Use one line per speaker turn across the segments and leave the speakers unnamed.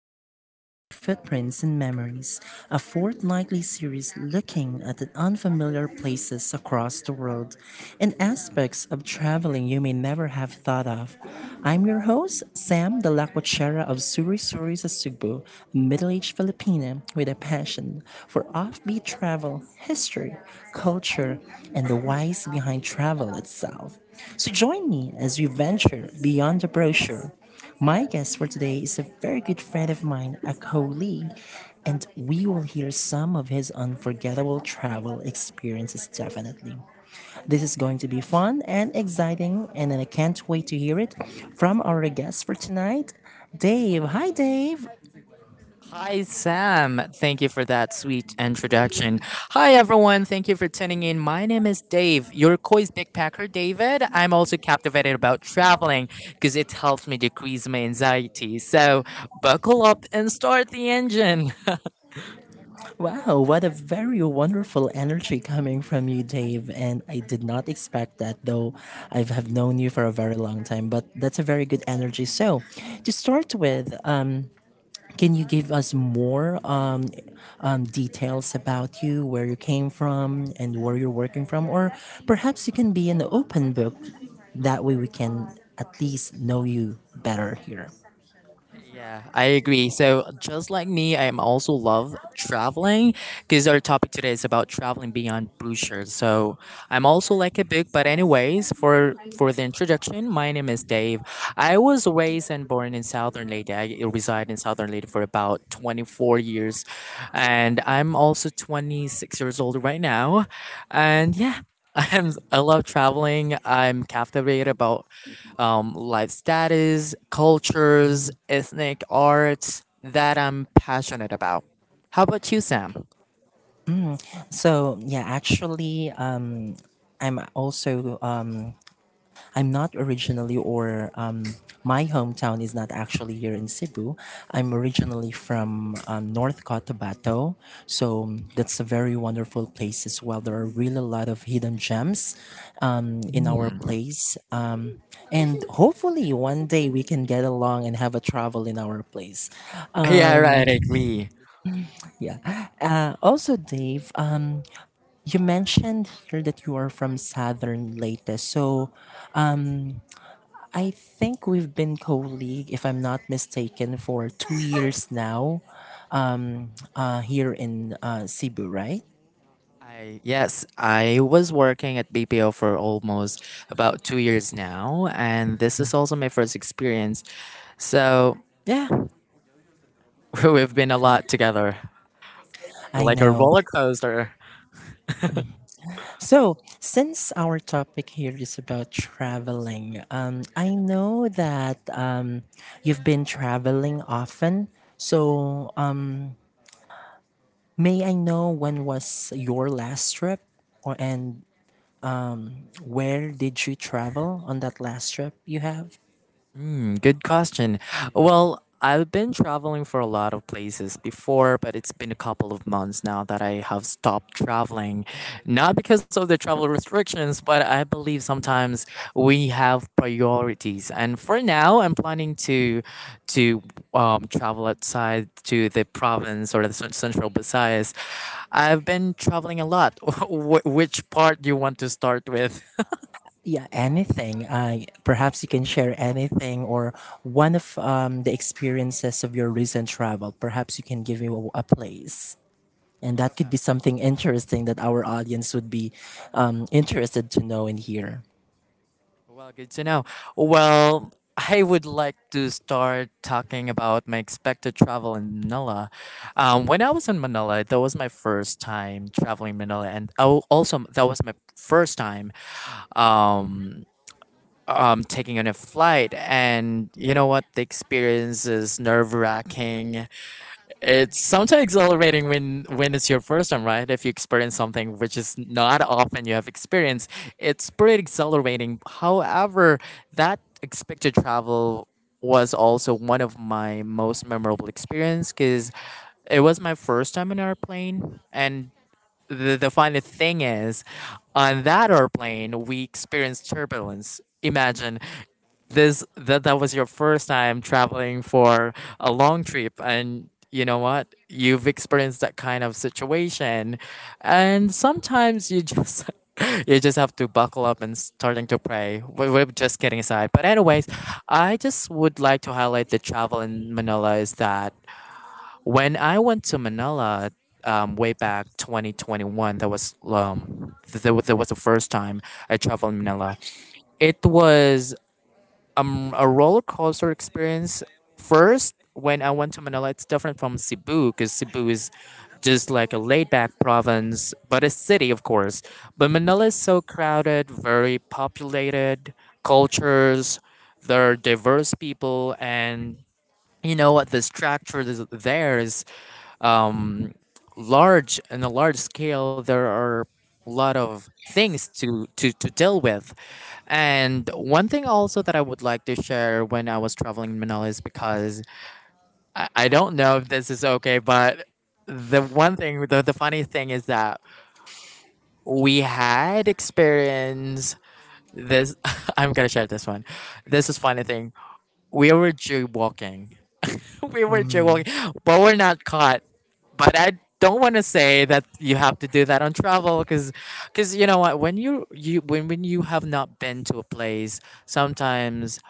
You're listening to Footprints and Memories, a fortnightly series looking at the unfamiliar places across the world and aspects of traveling you may never have thought of. I'm your host, Sam de la Cuachera of Suri Suri sa Cebu, a middle aged Filipina with a passion for offbeat travel, history, culture, and the whys behind travel itself. So join me as we venture beyond the brochure. My guest for today is a very good friend of mine, a colleague, and we will hear some of his unforgettable travel experiences definitely. This is going to be fun and exciting, and I can't wait to hear it from our guest for tonight, Dave. Hi, Dave.
Hi, Sam. Thank you for that sweet introduction. Hi, everyone. Thank you for tuning in. My name is Dave, your Koi's backpacker, David. I'm also captivated about traveling because it helps me decrease my anxiety. So, buckle up and start the engine.
Wow, what a very wonderful energy coming from you, Dave. And I did not expect that, though I have known you for a very long time, but that's a very good energy. So, to start with, can you give us more details about you, where you came from, and where you're working from? Or perhaps you can be an open book. That way we can at least know you better here.
Yeah, I agree. So, just like me, I am also love traveling because our topic today is about traveling beyond Bruges. So, I'm also like a book, but anyways, for the introduction, my name is Dave. I was raised and born in Southern Leyte. I reside in Southern Leyte for about 24 years, and I'm also 26 years old right now. And yeah, I love traveling. I'm captivated about life status, cultures, ethnic arts that I'm passionate about. How about you, Sam?
Mm. So, yeah, actually, I'm also. I'm not originally, or my hometown is not actually here in Cebu. I'm originally from North Cotabato, so that's a very wonderful place as well. There are really a lot of hidden gems in our
Hmm.
place, and hopefully one day we can get along and have a travel in our place.
Yeah, right, I agree.
Also, Dave, you mentioned here that you are from Southern Leyte, so um, I think we've been co-league, if I'm not mistaken, for 2 years now. Here in Cebu, right?
I yes, I was working at BPO for almost about 2 years now, and this is also my first experience. So yeah, we've been a lot together,
I
like a
know.
roller coaster.
So, since our topic here is about traveling, I know that you've been traveling often. So, may I know when was your last trip, or and where did you travel on that last trip you have?
Good question. Well, I've been traveling for a lot of places before, but it's been a couple of months now that I have stopped traveling. Not because of the travel restrictions, but I believe sometimes we have priorities. And for now, I'm planning to travel outside to the province or the central Visayas. I've been traveling a lot. Which part do you want to start with?
Yeah, anything. Perhaps you can share anything or one of the experiences of your recent travel. Perhaps you can give me a place. And that could
Okay.
be something interesting that our audience would be interested to know and hear.
Well, good to know. Well, I would like to start talking about my expected travel in Manila. When I was in Manila, that was my first time traveling Manila, and also that was my first time um, taking on a flight. And you know what? The experience is nerve wracking, it's sometimes exhilarating when it's your first time, right? If you experience something which is not often you have experienced, it's pretty exhilarating. However, that expected travel was also one of my most memorable experience because it was my first time in an airplane. And the funny thing is, on that airplane, we experienced turbulence. Imagine this, that was your first time traveling for a long trip and you know what, you've experienced that kind of situation. And sometimes you just you just have to buckle up and starting to pray. We're just getting aside, but anyways, I just would like to highlight the travel in Manila is that when I went to Manila way back 2021, that was that was the first time I traveled Manila. It was a roller coaster experience. First, when I went to Manila, it's different from Cebu because Cebu is just like a laid back province, but a city, of course. But Manila is so crowded, very populated, cultures, there are diverse people, and you know what, the structure is there is um large, in a large scale. There are a lot of things to deal with. And one thing also that I would like to share when I was traveling in Manila is because I don't know if this is okay, but the one thing, the funny thing is that we had experience this. I'm gonna share this one. This is funny thing. We were jaywalking, we were joking,
Mm.
but we're not caught. But I don't want to say that you have to do that on travel, because, you know what, when you when you have not been to a place, sometimes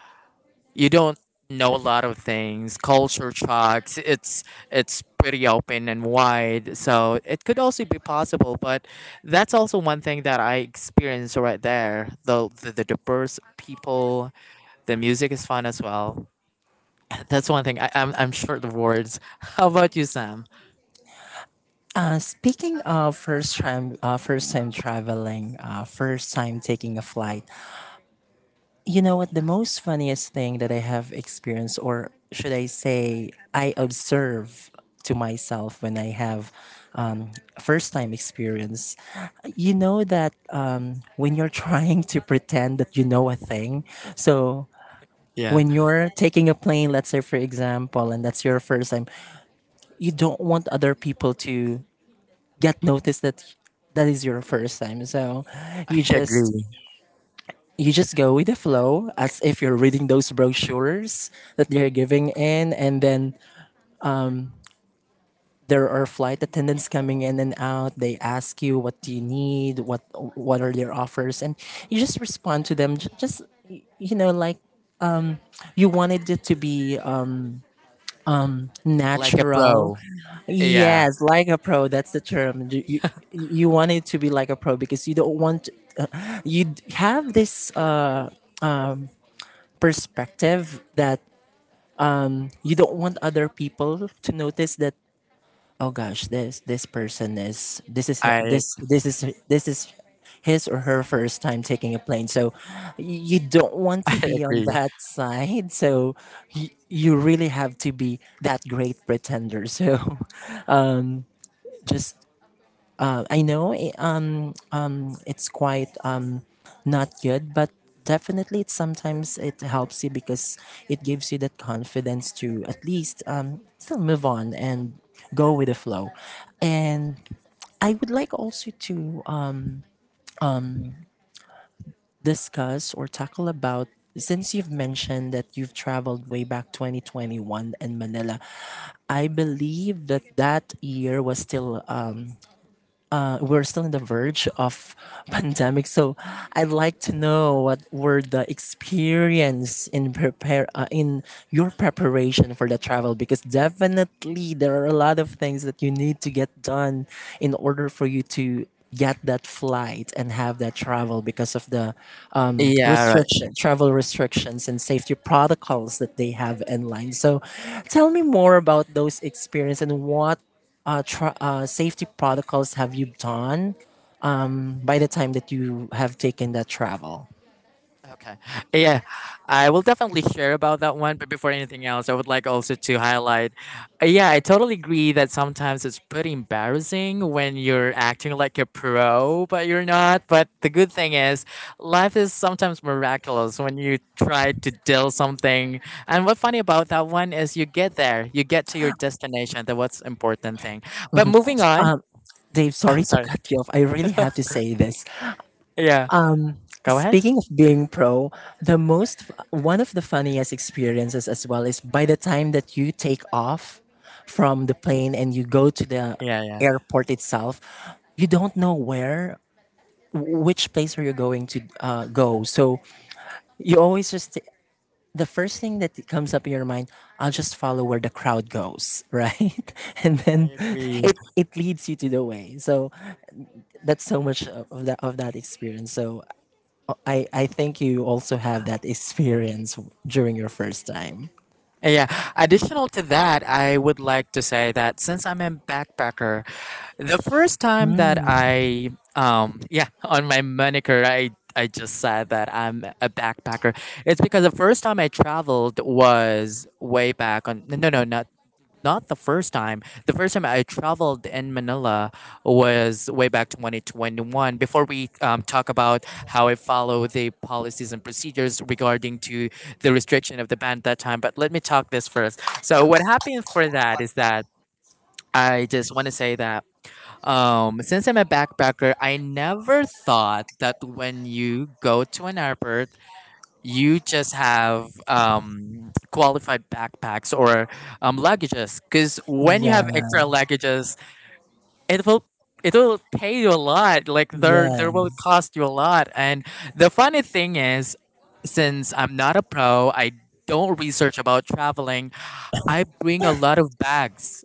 you don't know a lot of things. Culture shocks. It's pretty open and wide, so it could also be possible. But that's also one thing that I experienced right there. The diverse people, the music is fun as well. That's one thing. I'm short of words. How about you, Sam?
Speaking of first time traveling, first time taking a flight, you know what? The most funniest thing that I have experienced, or should I say, I observe to myself when I have um, first time experience, you know that when you're trying to pretend that you know a thing, so
Yeah,
when you're taking a plane, let's say for example, and that's your first time, you don't want other people to get noticed that that is your first time. So you
I
just
agree.
you just go with the flow as if you're reading those brochures that they're giving in, and then there are flight attendants coming in and out. They ask you what do you need, what are their offers, and you just respond to them. You know, like, you wanted it to be
Like a
natural.
pro. Yeah,
Yes, like a pro, that's the term. You want it to be like a pro because you don't want. Have this perspective that you don't want other people to notice that, oh gosh, this person is
I
this is this is his or her first time taking a plane. So you don't want to
I
be on
agree.
that side. So you really have to be that great pretender. So just I know it's quite not good, but definitely it sometimes it helps you because it gives you that confidence to at least still move on and go with the flow. And I would like also to discuss or tackle about, since you've mentioned that you've traveled way back 2021 in Manila, I believe that that year was still we're still in the verge of pandemic, so I'd like to know what were the experience in prepare in your preparation for the travel, because definitely there are a lot of things that you need to get done in order for you to get that flight and have that travel because of the
Yeah,
restriction travel restrictions and safety protocols that they have in line. So tell me more about those experiences, and what safety protocols have you done by the time that you have taken that travel?
okay. Yeah, I will definitely share about that one. But before anything else, I would like also to highlight. Yeah, I totally agree that sometimes it's pretty embarrassing when you're acting like a pro, but you're not. But the good thing is, life is sometimes miraculous when you try to deal something. And what's funny about that one is you get there, you get to your destination. That what's important thing. But
Mhm.
moving on,
Um, Dave, sorry
I'm
to
sorry.
cut you off. I really have to say this.
Yeah,
Um,
go ahead.
speaking of being pro, the most one of the funniest experiences as well is by the time that you take off from the plane and you go to the
Yeah, yeah,
airport itself. You don't know where, which place are you going to go. So you always just, the first thing that comes up in your mind, I'll just follow where the crowd goes, right? And
I
then
agree.
it it leads you to the way. So that's so much of that experience. So I think you also have that experience during your first time.
Yeah. Additional to that, I would like to say that since I'm a backpacker, the first time that
Mm,
I yeah, on my moniker I just said that I'm a backpacker. It's because the first time I traveled was way back on not the first time. The first time I traveled in Manila was way back 2021. Before we talk about how I follow the policies and procedures regarding to the restriction of the ban at that time, but let me talk this first. So what happened for that is that I just want to say that since I'm a backpacker, I never thought that when you go to an airport you just have qualified backpacks or luggages, because when you
yeah,
have extra luggages it will it will pay you a lot, like there
yeah,
will cost you a lot. And the funny thing is, since I'm not a pro, I don't research about traveling, I bring a lot of bags.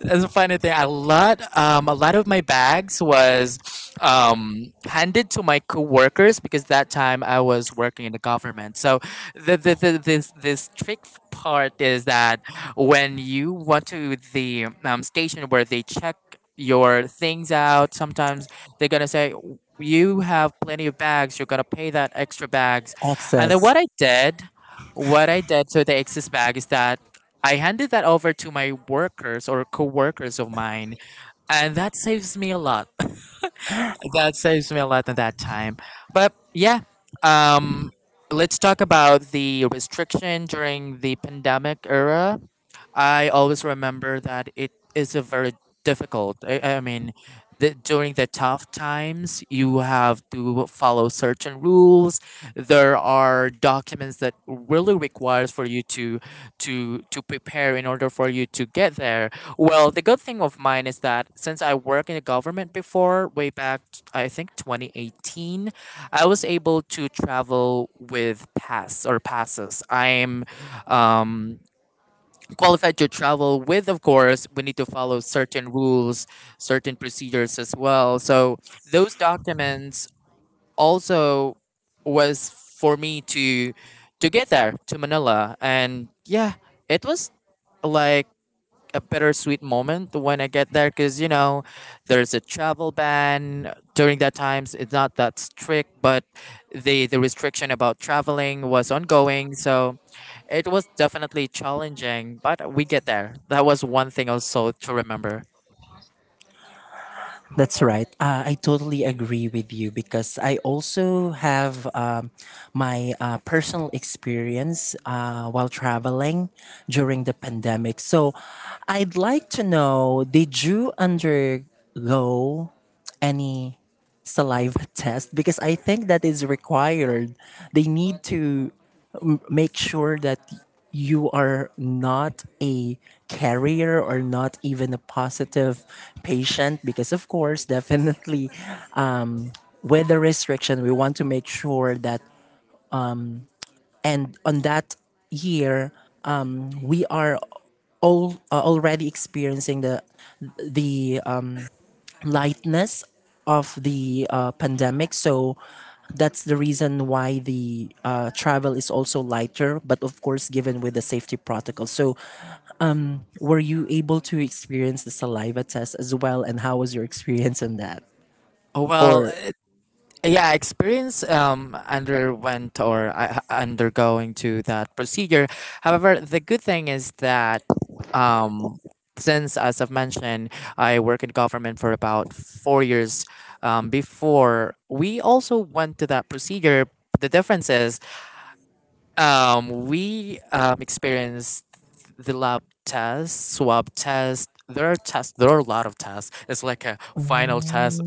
That's a funny thing. A lot of my bags was handed to my coworkers because that time I was working in the government. So the this this trick part is that when you went to the station where they check your things out, sometimes they're gonna say you have plenty of bags. You're gonna pay that extra bags, and then
access.
what I did. What I did to the excess bag is that I handed that over to my workers or co-workers of mine, and that saves me a lot. That saves me a lot at that time. But yeah, um, let's talk about the restriction during the pandemic era. I always remember that it is a very difficult. I mean, during the tough times, you have to follow certain rules. There are documents that really requires for you to prepare in order for you to get there. Well, the good thing of mine is that since I worked in the government before, way back I think 2018, I was able to travel with pass or passes. I'm um qualified to travel with, of course we need to follow certain rules, certain procedures as well. So those documents also was for me to get there to Manila. And yeah, it was like a bittersweet moment when I get there because you know there's a travel ban during that times. It's not that strict, but the restriction about traveling was ongoing. So it was definitely challenging, but we get there. That was one thing also to remember.
That's right. I totally agree with you because I also have my personal experience while traveling during the pandemic. So I'd like to know, did you undergo any saliva test, because I think that is required. They need to make sure that you are not a carrier or not even a positive patient, because of course definitely um, with the restriction we want to make sure that, and on that year we are all already experiencing the the um, lightness of the pandemic. So that's the reason why the travel is also lighter, but of course, given with the safety protocol. So, were you able to experience the saliva test as well? And how was your experience on that?
Oh, well,
Or
yeah, experience underwent or undergoing to that procedure. However the good thing is that um since as I've mentioned I work in government for about 4 years, before we also went to that procedure. The difference is we experienced the lab test, swab test. There are tests, there are a lot of tests. It's like a final test.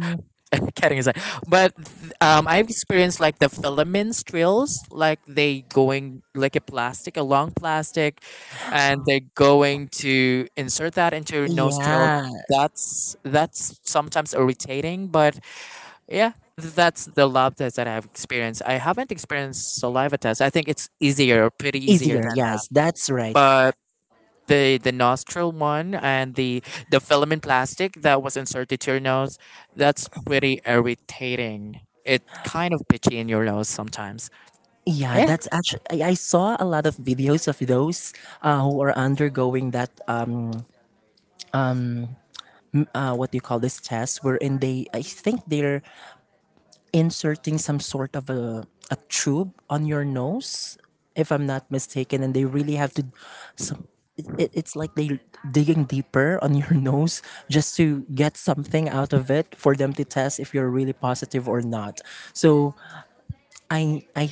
Kidding aside, but I've experienced like the filaments trills, like they going like a plastic, a long plastic, and they're going to insert that into your nostril.
yeah,
That's sometimes irritating, but yeah, that's the lab test that I've experienced. I haven't experienced saliva test. I think it's easier, pretty easier
easier.
than that.
Yes, that's right.
But the nostril one and the filament plastic that was inserted to your nose, that's pretty irritating, it kind of pitchy in your nose sometimes.
Yeah,
Yeah,
that's actually, I saw a lot of videos of those who are undergoing that. What do you call this test? Wherein they, I think they're inserting some sort of a tube on your nose, if I'm not mistaken, and they really have to some. It, it's like they digging deeper on your nose just to get something out of it for them to test if you're really positive or not. So I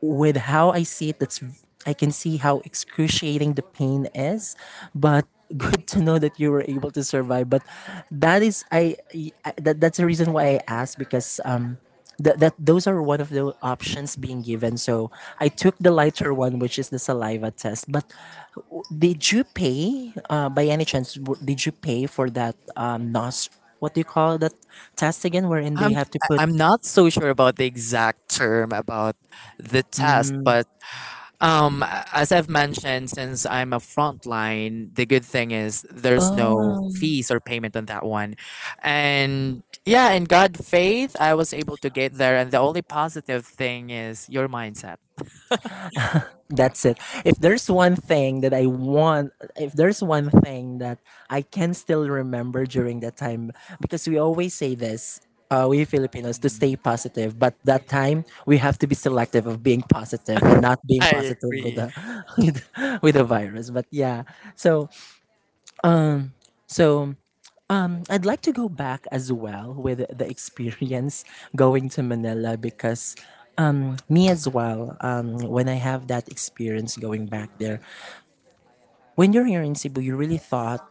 with how I see it, that's I can see how excruciating the pain is, but good to know that you were able to survive. But that is I that, that's the reason why I asked, because that, that those are one of the options being given. So I took the lighter one, which is the saliva test. But did you pay by any chance? Did you pay for that nos? What do you call that test again? Wherein they
i'm
have to put.
I'm not so sure about the exact term about the test,
Mm,
but as I've mentioned, since I'm a frontline, the good thing is there's no
oh.
fees or payment on that one. And yeah, in god faith I was able to get there, and the only positive thing is your mindset.
That's it. If there's one thing that I want, if there's one thing that I can still remember during that time, because we always say this, we Filipinos, to
Mm,
stay positive. But that time, we have to be selective of being positive and not being
I
positive with
agree.
the with, with the virus. But yeah, so so I'd like to go back as well with the experience going to Manila, because me as well, when I have that experience going back there,
Uh-huh.
when you're here in Cebu, you really thought,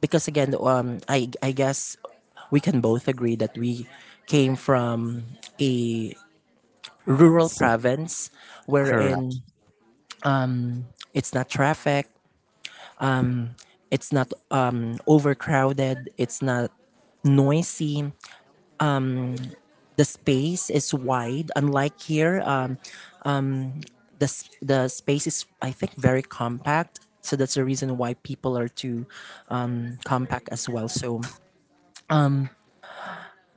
because again, I guess we can both agree that we came from a
A
rural
province.
province
Correct.
wherein it's not traffic, it's not overcrowded, it's not noisy. The space is wide, unlike here. The space is, I think, very compact, so that's the reason why people are too compact as well. So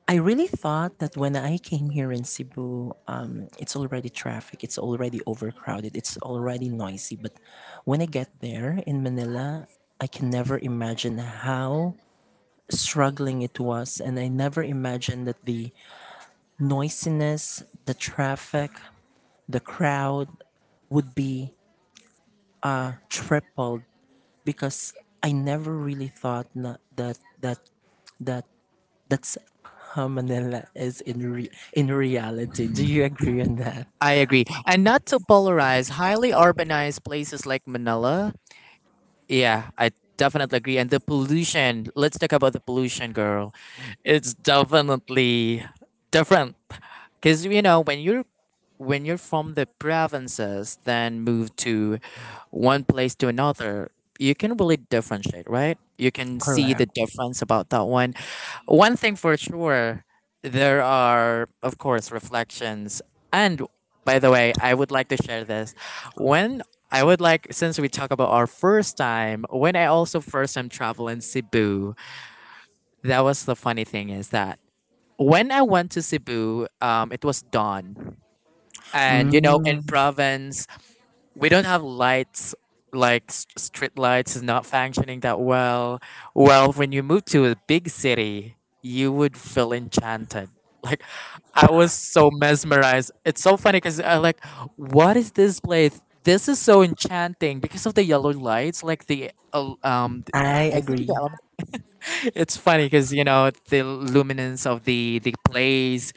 I really thought that when I came here in Cebu, it's already traffic, it's already overcrowded, it's already noisy. But when I get there in Manila, I can never imagine how struggling it was. And I never imagined that the noisiness, the traffic, the crowd would be tripled, because I never really thought that, that's how Manila is in in reality. Do
Mm,
you agree on that?
I agree. And not to polarize, highly urbanized places like Manila. Yeah, I definitely agree. And the pollution, let's talk about the pollution, girl. It's definitely different. Because, you know, when you're from the provinces, then move to one place to another, you can really differentiate, right? You can see the
Correct.
difference about that one. One thing for sure, there are, of course, reflections. And by the way, I would like to share this. When I would like, since we talk about our first time, when I also first time travel in Cebu, that was the funny thing is that when I went to Cebu, it was dawn. And you know in
Mm,
province we don't have lights like street lights is not functioning that well. Well, when you move to a big city you would feel enchanted like, I was so mesmerized. It's so funny because I like, what is this place? This is so enchanting because of the yellow lights like the
I
I think
agree.
the it's funny because you know the luminance of the place.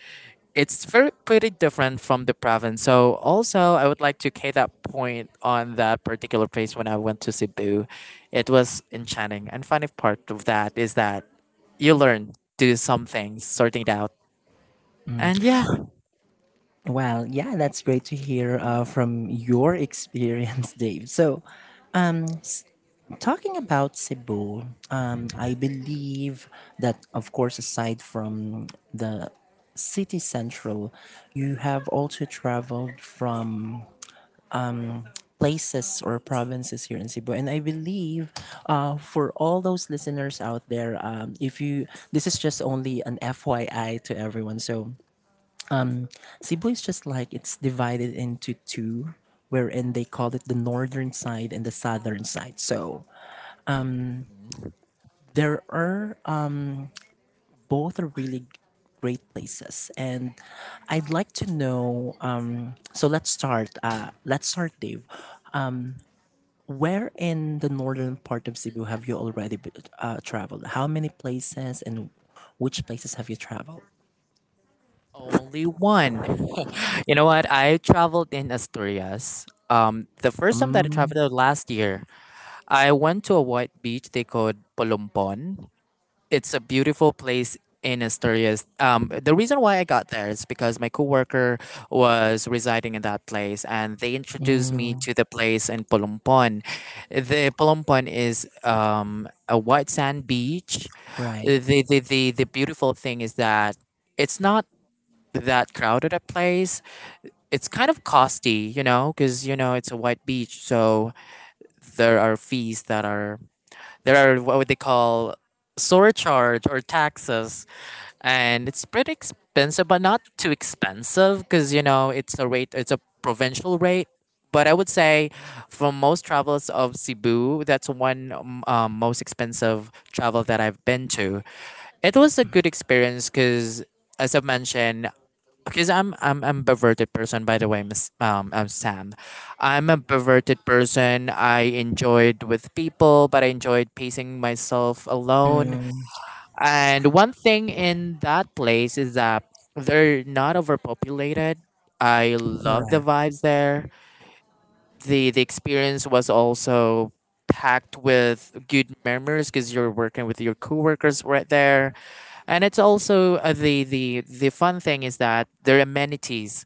It's very pretty different from the province. So also I would like to k that point on that particular place when I went to Cebu. It was enchanting and funny part of that is that you learn do some things sorting it out. And yeah.
Well, yeah, that's great to hear from your experience, Dave. So, talking about Cebu, I believe that, of course, aside from the city central, you have also traveled from places or provinces here in Cebu. And I believe for all those listeners out there, if you, this is just only an FYI to everyone. So, Cebu is just like it's divided into two, wherein they call it the northern side and the southern side. So
Mhm.
there are both are really great places, and I'd like to know. So let's start. Let's start, Dave. Where in the northern part of Cebu have you already traveled? How many places and which places have you traveled?
Only one. You know what, I traveled in Asturias. The first time that I traveled
Mm,
there last year, I went to a white beach they called Polompon. It's a beautiful place in Asturias. The reason why I got there is because my coworker was residing in that place, and they introduced me
mm,
to the place in Polompon. The Polompon is a white sand beach.
right.
The beautiful thing is that it's not that crowded a place. It's kind of costly, you know, because you know it's a white beach, so there are fees that are there are what would they call surcharge or taxes, and it's pretty expensive but not too expensive because you know it's a rate, it's a provincial rate. But I would say for most travels of Cebu, that's one most expensive travel that I've been to. It was a good experience because, as I mentioned, because I'm perverted person by the way, Miss I'm Sam. I'm a perverted person. I enjoyed with people, but I enjoyed pacing myself alone.
Mm,
And one thing in that place is that they're not overpopulated. I love the
correct.
vibes there. The experience was also packed with good memories because you're working with your coworkers right there, and it's also the fun thing is that their amenities,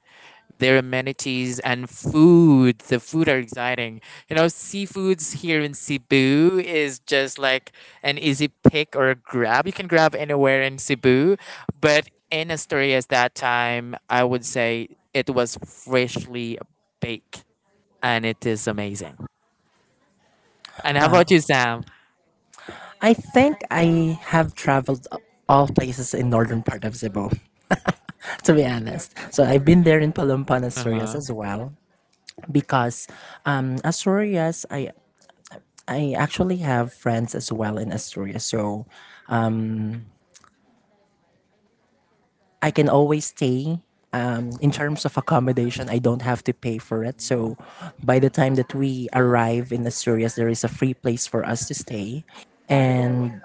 their amenities and food. The food are exciting. You know, seafoods here in Cebu is just like an easy pick or a grab. You can grab anywhere in Cebu, but in Asturias that time, I would say it was freshly baked, and it is amazing. And how about
Wow.
you, Sam?
I think I have traveled all places in northern part of Cebu, to be honest. So I've been there in Palumpan,
Uh
Asturias
huh.
as well, because Asturias, I actually have friends as well in Asturias, so I can always stay. In terms of accommodation, I don't have to pay for it. So by the time that we arrive in Asturias, there is a free place for us to stay, and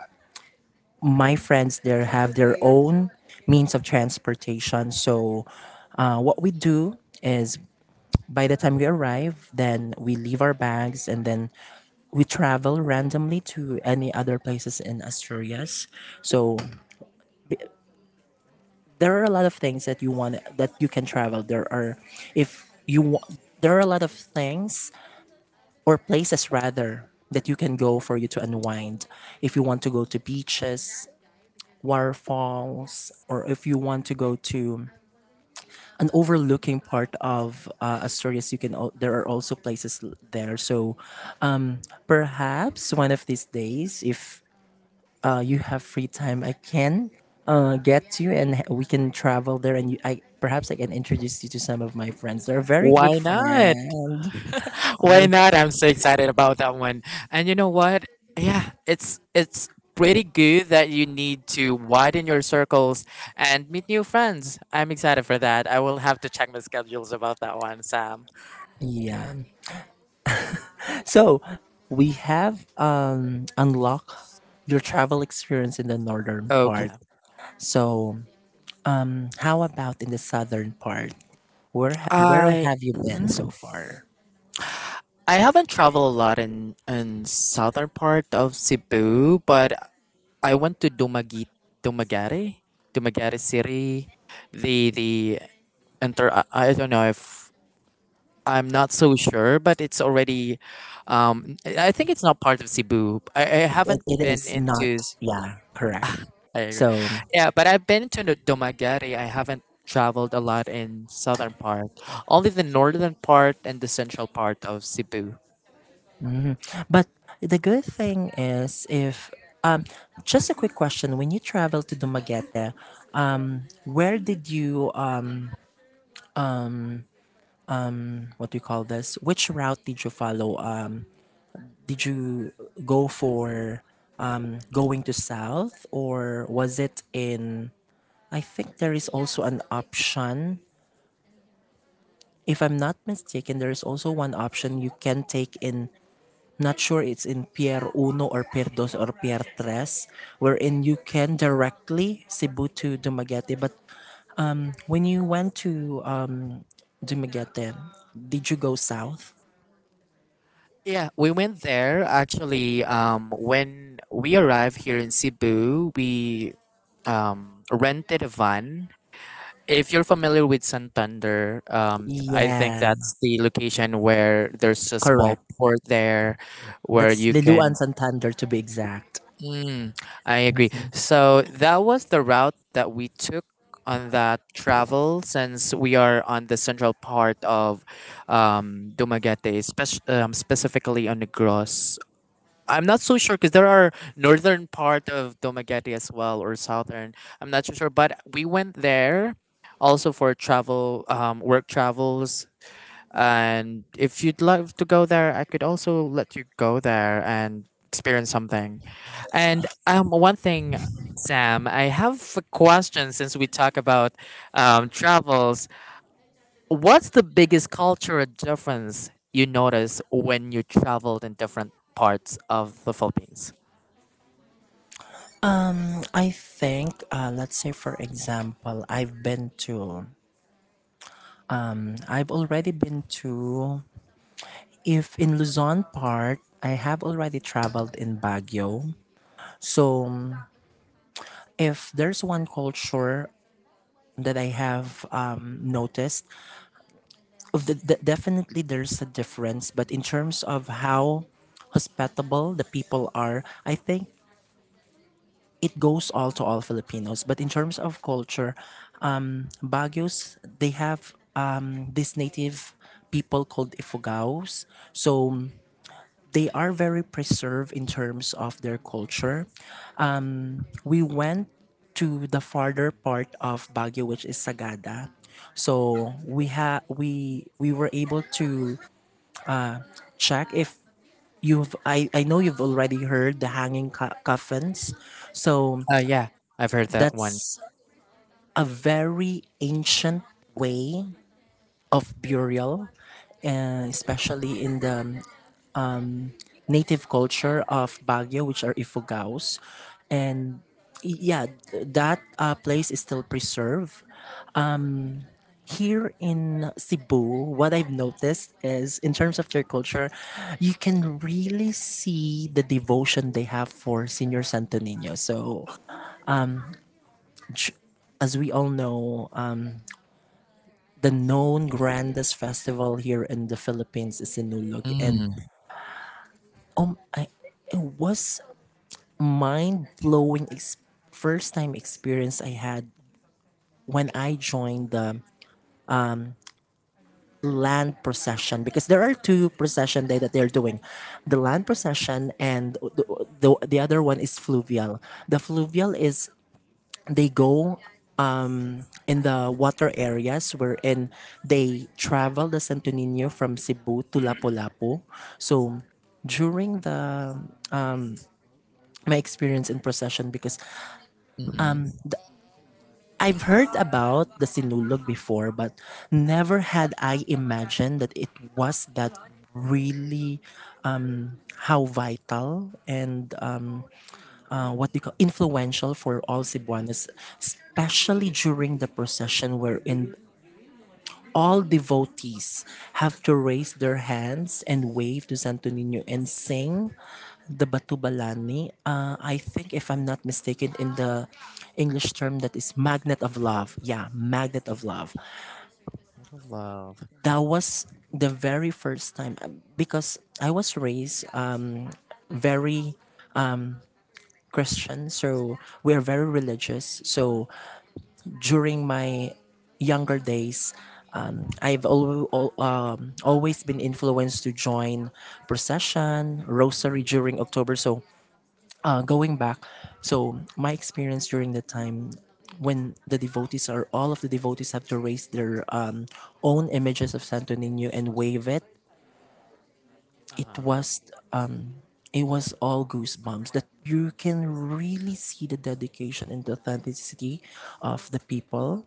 my friends there have their own means of transportation. So, what we do is by the time we arrive, then we leave our bags and then we travel randomly to any other places in Asturias. So there are a lot of things that you want that you can travel. There are if you wa- There are a lot of things or places rather that you can go for you to unwind. If you want to go to beaches, waterfalls, or if you want to go to an overlooking part of Asturias, you can. There are also places there. So, um, perhaps one of these days, if you have free time, I can get you, and we can travel there. And you, I perhaps I can introduce you to some of my friends. They're very
Why
good
not?
friends. I,
Why not? I'm so excited about that one. And you know what? Yeah, it's pretty good that you need to widen your circles and meet new friends. I'm excited for that. I will have to check my schedules about that one, Sam.
yeah. So we have unlocked your travel experience in the northern part.
Okay.
So, how about in the southern part? Where
I,
have you been so
mhm.
far?
I haven't traveled a lot in southern part of Cebu, but I went to Dumagi, Dumagari, Dumagari City. The inter, I don't know if, I'm not so sure, but it's already. I think it's not part of Cebu. I haven't
It
been
is not.
into.
Yeah, correct.
I,
So.
yeah, but I've been to the Domagari. I haven't traveled a lot in southern part, only the northern part and the central part of Cebu.
Mhm. But the good thing is if um, just a quick question. When you travel to Dumaguete, where did you what do you call this? Which route did you follow? Did you go for going to south or was it in? I think there is also an option. If I'm not mistaken, there is also one option you can take in, not sure it's in Pier Uno or Pier Dos or Pier Tres, wherein you can directly Cebu to Dumaguete. But when you went to Dumaguete, did you go south?
Yeah, we went there actually. When we arrived here in Cebu, we rented a van. If you're familiar with Santander, I think
Yeah,
that's the location where there's a small
correct.
port there where
That's
you can.
Liloan Santander to be exact.
Mm, I agree.
Mm-mm.
So that was the route that we took on that travel since we are on the central part of Dumaguete, specifically on Negros. I'm not so sure because there are northern part of Domageti as well or southern. I'm not so sure, but we went there also for travel, work travels. And if you'd love to go there, I could also let you go there and experience something. And one thing, Sam, I have a question. Since we talk about travels, what's the biggest cultural difference you notice when you traveled in different parts of the Philippines?
Mm, I think, let's say for example, I've already been to if in Luzon part, I have already traveled in Baguio. So if there's one culture that I have noticed, definitely there's a difference. But in terms of how hospitable the people are, I think it goes all to all Filipinos. But in terms of culture, Baguios, they have this native people called Ifugaos. So they are very preserved in terms of their culture. We went to the farther part of Baguio, which is Sagada. So we ha we were able to check if you've I know you've already heard the hanging coffins. So
Yeah, I've heard that one.
that's a very ancient way of burial, and especially in the native culture of Baguio, which are Ifugaos, and yeah, that place is still preserved. Here in Cebu, what I've noticed is in terms of their culture, you can really see the devotion they have for Senior Santo Niño. So, j- as we all know, the known grandest festival here in the Philippines is Sinulog, and
Mm.
it was mind blowing first time experience I had when I joined the land procession, because there are two procession day that they're doing, the land procession and the other one is fluvial. The fluvial is they go in the water areas wherein they travel the Santo Niño from Cebu to Lapu-Lapu, so during the my experience in procession, because
Mm-hmm.
I've heard about the sinulog before but never had I imagined that it was that really how vital and what we call influential for all Cebuanos, especially during the procession wherein all devotees have to raise their hands and wave to Santo Niño and sing the Batubalani. I think, if I'm not mistaken, in the English term that is magnet of love. Yeah, magnet of love.
Out of love.
That was the very first time because I was raised very Christian, so we are very religious. So during my younger days, I've always been influenced to join procession, rosary during October. So, going back, so my experience during the time when the devotees, or all of the devotees, have to raise their own images of Santo Nino and wave it, it
Uh-huh.
was um, it was all goosebumps, that you can really see the dedication and the authenticity of the people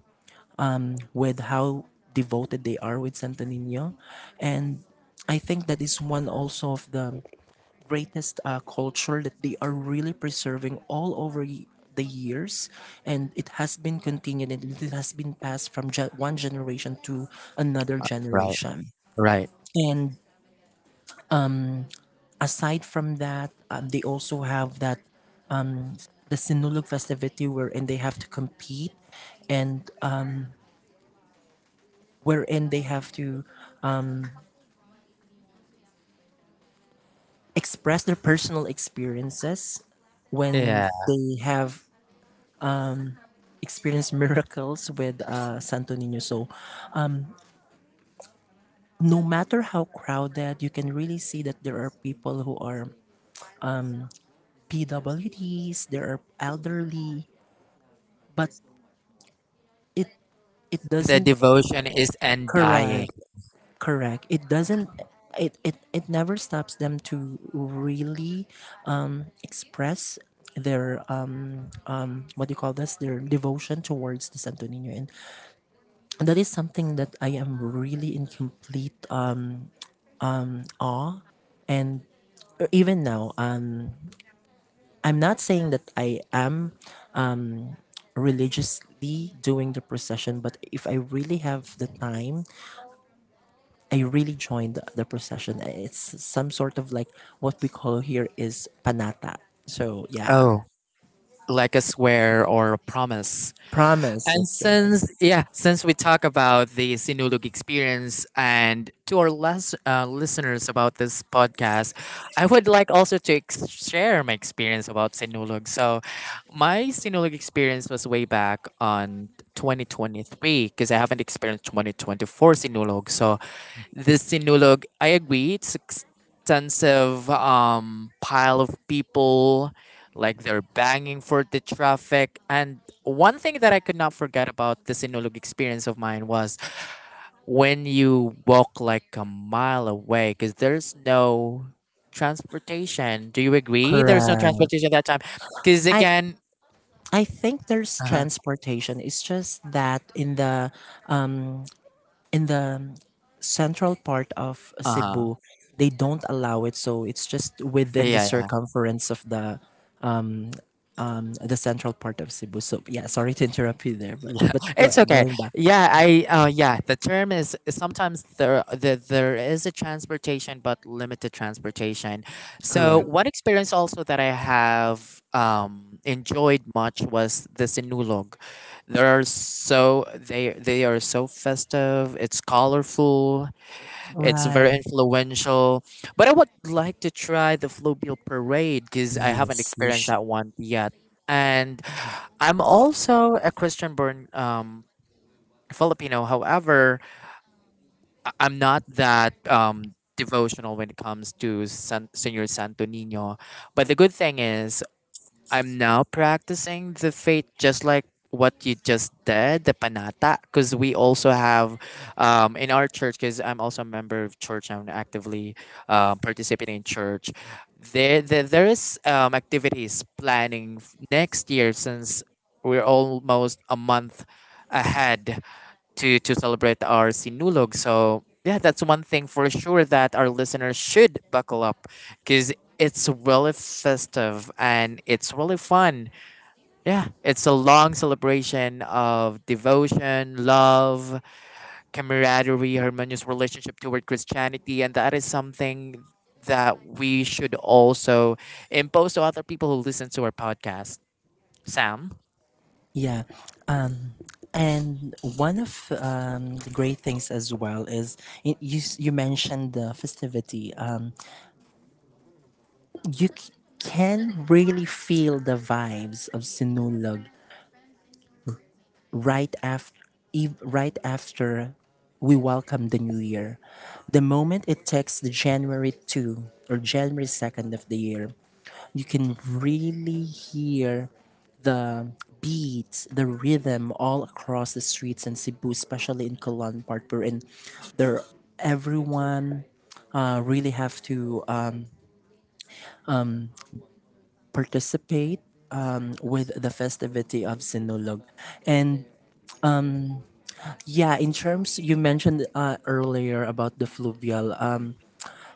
with how devoted they are with Santo Nino. And I think that is one also of the greatest culture that they are really preserving all over the years, and it has been continued and it has been passed from one generation to another
Right.
generation.
Right.
And aside from that, they also have that the sinulog festivity wherein they have to compete and wherein they have to um, express their personal experiences when
Yeah.
they have experienced miracles with Santo Nino. So, no matter how crowded, you can really see that there are people who are PWDs, there are elderly, but it it
The
doesn't.
devotion is undying.
Correct, correct. It doesn't, it never stops them to really express their what do you call this, their devotion towards the Santo Nino, and that is something that I am really incomplete and even now, I'm not saying that I am religiously doing the procession, but if I really have the time, I really join the procession. It's some sort of like what we call here is panata, so yeah.
Oh, like a swear or a promise.
Promise,
And
that's it.
since yeah, since we talk about the Sinulog experience and to our less listeners about this podcast, I would like also to share my experience about Sinulog. So, my Sinulog experience was way back on 2023 because I haven't experienced 2024 Sinulog. So, this sinulog, I agree, it's extensive pile of people, like they're banging for the traffic. And one thing that I could not forget about the sinulog experience of mine was when you walk like a mile away because there's no transportation. Do you agree? There's no
Correct.
transportation that time because
I
again,
I think there's
uh huh,
transportation, it's just that um. in the central part of
uh huh,
Cebu, they don't allow it, so it's just within the
yeah.
circumference of the central part of Cebu. So yeah, sorry to interrupt you there, but
Yeah,
but go-
it's okay.
going back.
Yeah, I yeah, the term is sometimes there there is a transportation but limited transportation. So
Correct,
one experience also that I have enjoyed much was the sinulog. They're so they are so festive, it's colorful, it's very
right?
influential. But I would like to try the Flowbill Parade because I haven't
Yes, you
experienced
should.
that one yet. And I'm also a Christian born Filipino. However, I'm not that devotional when it comes to San-, Senor Santo Nino. But the good thing is, I'm now practicing the faith just like what you just did, the panata, because we also have in our church, because I'm also a member of church, I'm actively participating in church. There is activities planning next year since we're almost a month ahead to celebrate our sinulog. So yeah, that's one thing for sure that our listeners should buckle up because it's really festive and it's really fun. Yeah, it's a long celebration of devotion, love, camaraderie, harmonious relationship toward Christianity, and that is something that we should also impose to other people who listen to our podcast. Sam.
Yeah, and one of the great things as well is you mentioned the festivity. You can really feel the vibes of Sinulog right after right after we welcome the new year. The moment it takes the January 2 or January 2nd of the year, you can really hear the beats, the rhythm, all across the streets in Cebu, especially in Colon part, wherein there everyone really have to participate with the festivity of Sinulog. And yeah, in terms you mentioned earlier about the fluvial,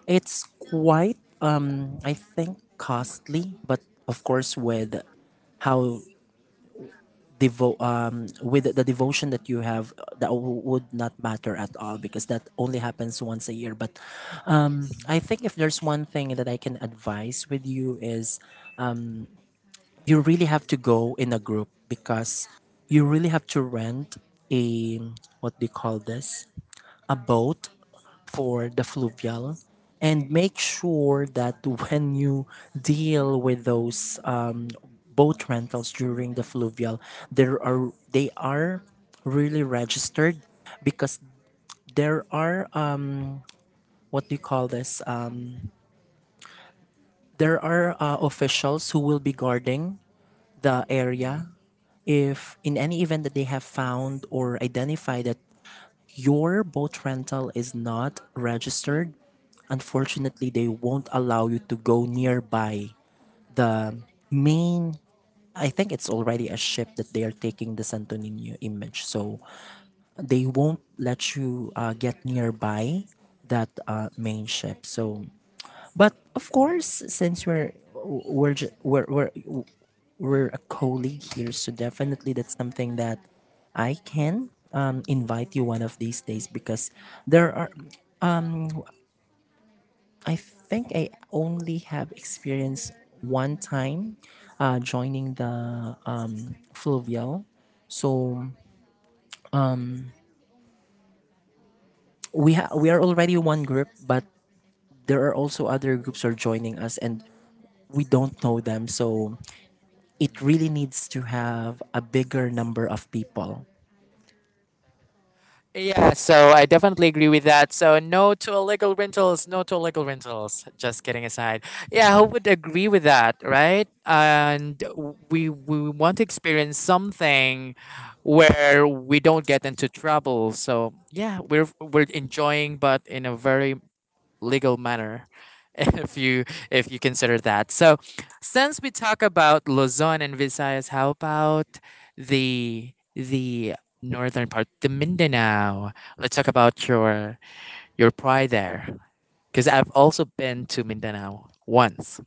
it's quite, I think, costly. But of course, how with the devotion that you have, that would not matter at all because that only happens once a year. But
Mhm,
I think, if there's one thing that I can advise with you is you really have to go in a group because you really have to rent a, what do you call this, a boat for the fluvial, and make sure that when you deal with those boat rentals during the fluvial, there are they are really registered, because there are what do you call this, there are officials who will be guarding the area. If in any event that they have found or identified that your boat rental is not registered, unfortunately, they won't allow you to go nearby the main. I think it's already a ship that they are taking the Santo Nino image, so they won't let you get nearby that main ship. So, but of course, since we're ju- we're a colleague here, so definitely that's something that I can invite you one of these days, because there are I think I only have experienced one time joining the Fluvial. So we are already one group, but there are also other groups who are joining us, and we don't know them. So it
mhm.
really needs to have a bigger number of people.
Yeah, so I definitely agree with that. So no to illegal rentals, no to illegal rentals. Just kidding aside. Yeah, who would agree with that, right? And we want to experience something where we don't get into trouble. So yeah, we're enjoying, but in a very legal manner if you, if you consider that. So since we talk about Luzon and Visayas, how about the northern part, the Mindanao? Let's talk about your pride there because I've also been to Mindanao once.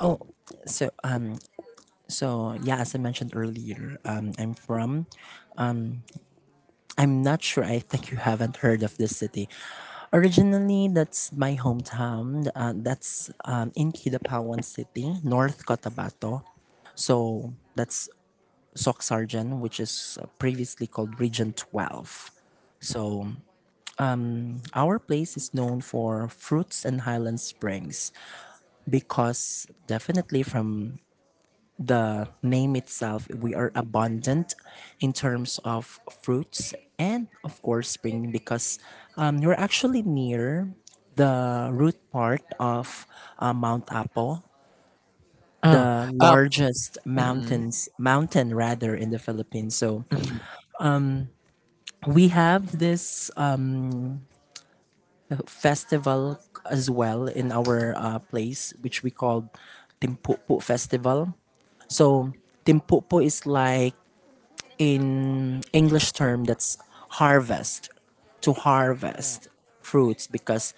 Oh, so um, so yeah, as I mentioned earlier, I'm not sure. I think you haven't heard of this city. Originally, that's my hometown. That's in Kidapawan City, North Cotabato. So that's Soxarjan, which is previously called Region 12. So our place is known for fruits and highland springs, because definitely from the name itself, we are abundant in terms of fruits and, of course, spring, because you're actually near the root part of Mount Apo,
Oh,
the
um,
largest
mm-hmm,
mountains, mountain rather, in the Philippines. So
mm-hmm.
we have this festival as well in our place, which we called Timpupu Festival. So Timpupu is like in English term that's harvest to
Oh,
harvest fruits because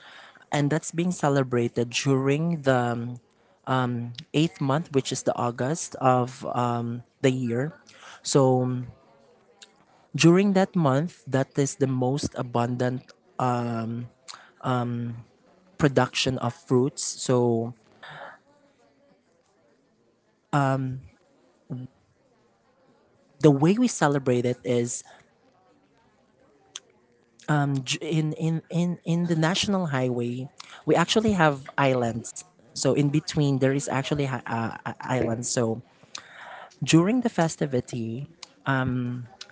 and that's being celebrated during the eighth month which is the August of the year so during that month that is the most abundant production of fruits so the way we celebrate it is in the national highway we actually have islands so in between there is actually islands so during the festivity,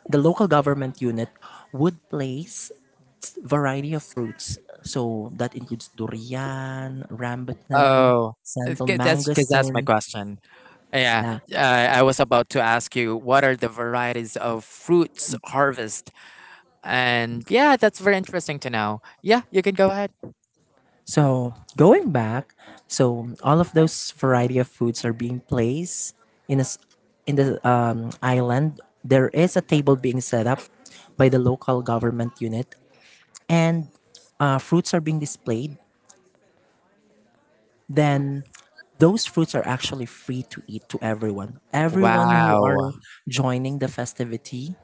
the local government unit would place variety of fruits. So that includes durian, rambutan,
oh, it's
sandal
'cause that's because that's my
mangosteen.
question. Yeah,
Yeah.
I was about to ask you what are the varieties of fruits harvest. And yeah, that's very interesting to know. Yeah, you can go ahead.
So going back, so all of those variety of foods are being placed in a s in the island. There is a table being set up by the local government unit, and fruits are being displayed then those fruits are actually free to eat to everyone. Everyone who are
Wow.
joining the festivity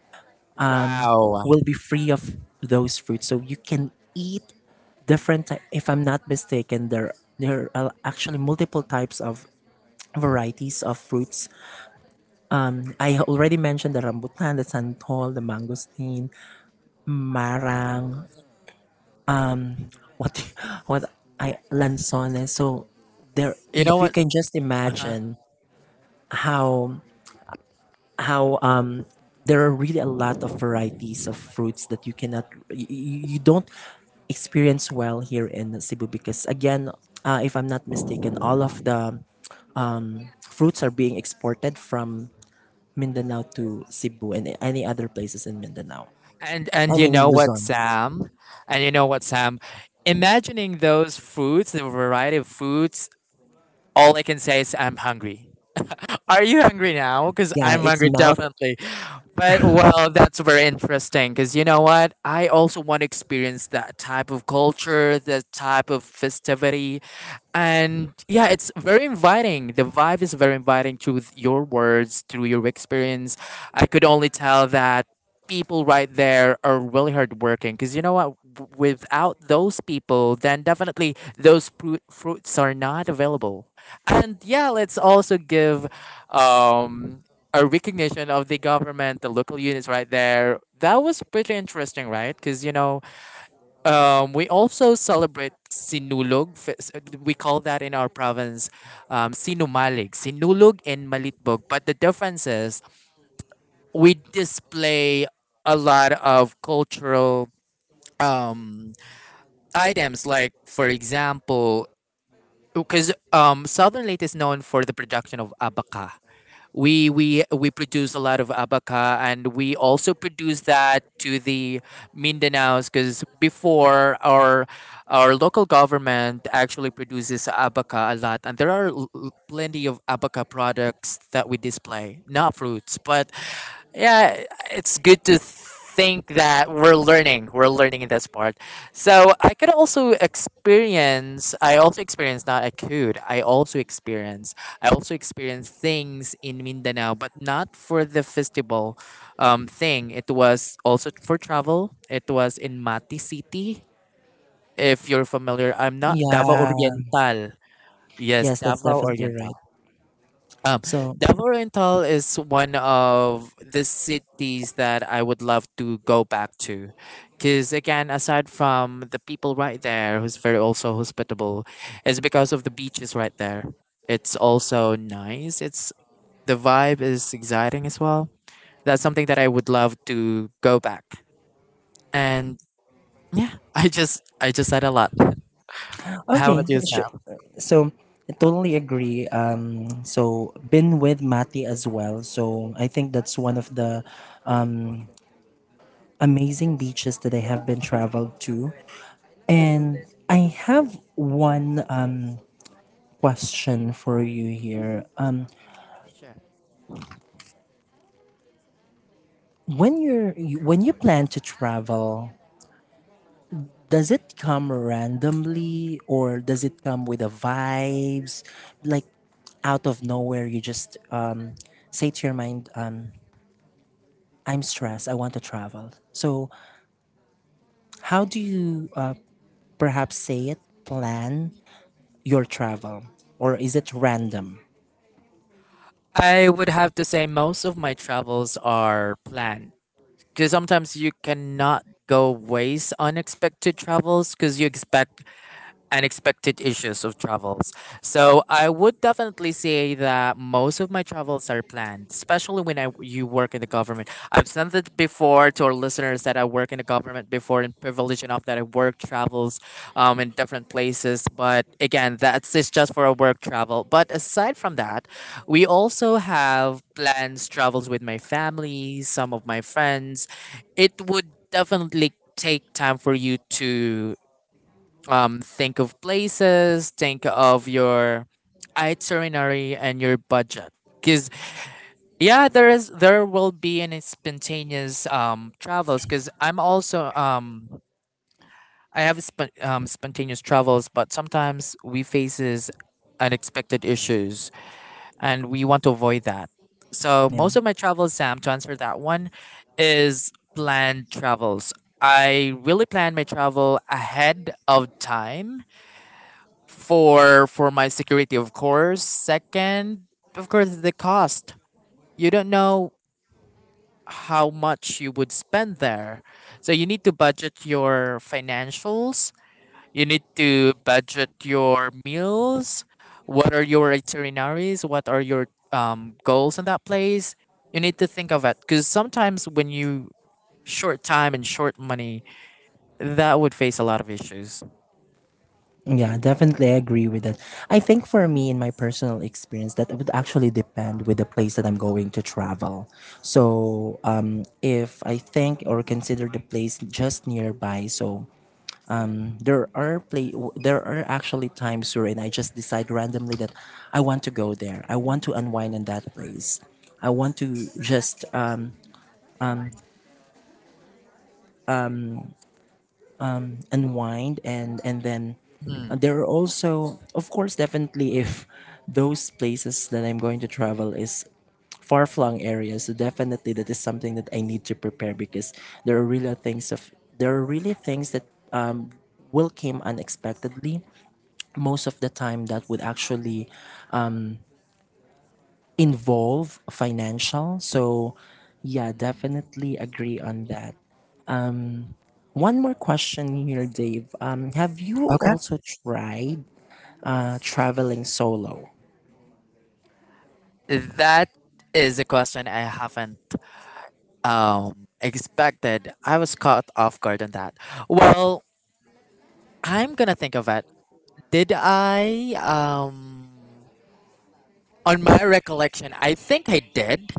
Wow.
will be free of those fruits. So you can eat if I'm not mistaken there are actually multiple types of varieties of fruits. I already mentioned the rambutan, the santol, the mangosteen, marang, what what I lanzones. So there
You know
if you
what?
can just
Uh-huh.
imagine how how um, there are really a lot of varieties of fruits that you cannot you, you don't experience well here in Cebu because again, if I'm not mistaken, all of the fruits are being exported from Mindanao to Cebu and any other places in Mindanao. I
And you
mean
know what,
Luzon.
Sam? And you know what, Sam? Imagining those foods, the variety of foods, all I can say is I'm hungry. Are you hungry now? Because
Yeah,
I'm
it's
hungry,
mouth.
definitely. But well, that's very interesting. Because you know what? I also want to experience that type of culture, that type of festivity, and yeah, it's very inviting. The vibe is very inviting through your words, through your experience. I could only tell that people right there are really hard working because you know what, without those people then definitely those fruits are not available. And yeah, let's also give um a recognition of the government, the local units right there. That was pretty interesting, right? Because you know, we also celebrate Sinulog. We call that in our province Sinumalig. Sinulog and Malitbog. But the difference is we display a lot of cultural um, items, like, for example, because Southern Leyte is known for the production of abaca. We produce a lot of abaca, and we also produce that to the Mindanaos because before our local government actually produces abaca a lot, and there are plenty of abaca products that we display, not fruits. But yeah, it's good to think that we're learning in this part. So I could also experience I also experience not I could I also experience, I also experienced things in Mindanao, but not for the festival thing. It was also for travel. It was in Mati City, if you're familiar. I'm not, Davao
Yeah.
Oriental. Yes,
Yes, that's
Davao
definitely right.
Oriental. Um,
So
Davao Oriental is one of the cities that I would love to go back to, because again, aside from the people right there, who's very also hospitable, it's because of the beaches right there. It's also nice. It's, the vibe is exciting as well. That's something that I would love to go back. And yeah, I just said a lot. How
okay,
about
sure.
yourself?
So I totally agree. So been with Mati as well. So I think that's one of the amazing beaches that I have been traveled to, and I have one question for you here. Um,
Sure.
when you're you- when you plan to travel, does it come randomly or does it come with the vibes, like out of nowhere? You just say to your mind, I'm stressed. I want to travel. So, how do you perhaps say it? Plan your travel, or is it random?
I would have to say most of my travels are planned. Because sometimes you cannot go ways unexpected travels because you expect unexpected issues of travels. So I would definitely say that most of my travels are planned, especially when I you work in the government. I've said it before to our listeners that I work in the government before and privileged enough that I work travels in different places. But again, that's it's just for a work travel. But aside from that, we also have plans travels with my family, some of my friends. It would definitely take time for you to think of places, think of your itinerary and your budget. Because yeah, there will be any spontaneous travels. Because I'm also I have spontaneous travels, but sometimes we faces unexpected issues, and we want to avoid that. So
Yeah.
most of my travels, Sam, to answer that one, is planned travels. I really plan my travel ahead of time for my security, of course. Second, of course, the cost. You don't know how much you would spend there, so you need to budget your financials, you need to budget your meals. What are your itineraries, what are your goals in that place? You need to think of it, because sometimes when you short time and short money, that would face a lot of issues.
Yeah, definitely I agree with that. I think for me in my personal experience that it would actually depend with the place that I'm going to travel. So if I think or consider the place just nearby, so there are actually times wherein I just decide randomly that I want to go there. I want to unwind in that place. I want to just unwind and then
Hmm.
there are also of course definitely if those places that I'm going to travel is far flung areas. So definitely that is something that I need to prepare because there are really things of there are really things that will came unexpectedly. Most of the time that would actually involve financial. So, yeah, definitely agree on that. One more question here, Dave. Have you
Okay.
also tried traveling solo?
That is a question I haven't expected. I was caught off guard on that. Well, I'm gonna think of it. Did I? On my recollection, I think I did.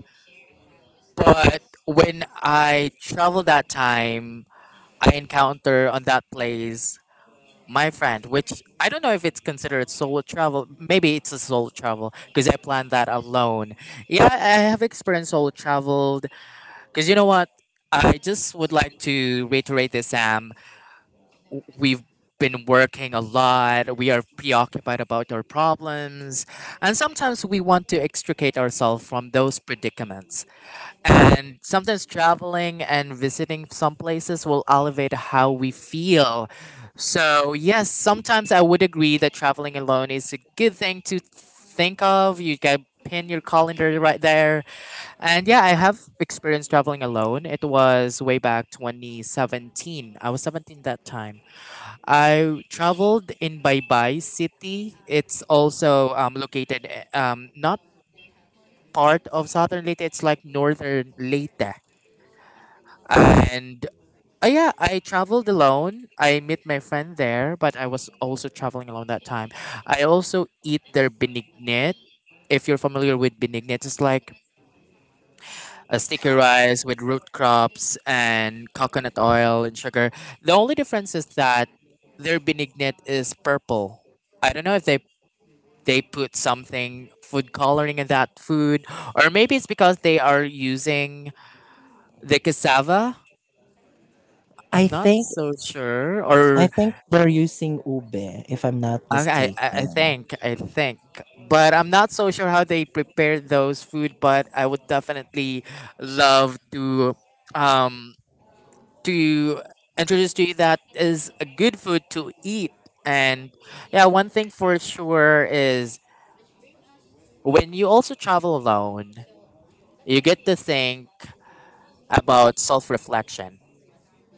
But when I traveled that time, I encounter on that place my friend, which I don't know if it's considered solo travel. Maybe it's a solo travel because I planned that alone. Yeah, I have experienced solo travel. Because you know what? I just would like to reiterate this, Sam. We've been working a lot. We are preoccupied about our problems. And sometimes we want to extricate ourselves from those predicaments. And sometimes traveling and visiting some places will elevate how we feel. So, yes, sometimes I would agree that traveling alone is a good thing to think of. You can pin your calendar right there, and yeah, I have experience traveling alone. It was way back 2017. I was 17 that time. I traveled in Baybay City. It's also located not part of southern Leyte, it's like northern Leyte. And yeah, I traveled alone. I met my friend there, but I was also traveling alone that time. I also eat their benignit. If you're familiar with benignit, it's like a sticky rice with root crops and coconut oil and sugar. The only difference is that their benignet is purple. I don't know if they put something food coloring in that food, or maybe it's because they are using the cassava. I'm
I
not
think
so sure.
I
Or
think they're using Ube, if I'm not
I
mistaken.
think I think, but I'm not so sure how they prepare those food, but I would definitely love um to introduce to you that is a good food to eat. And yeah, one thing for sure is when you also travel alone, you get to think about self reflection.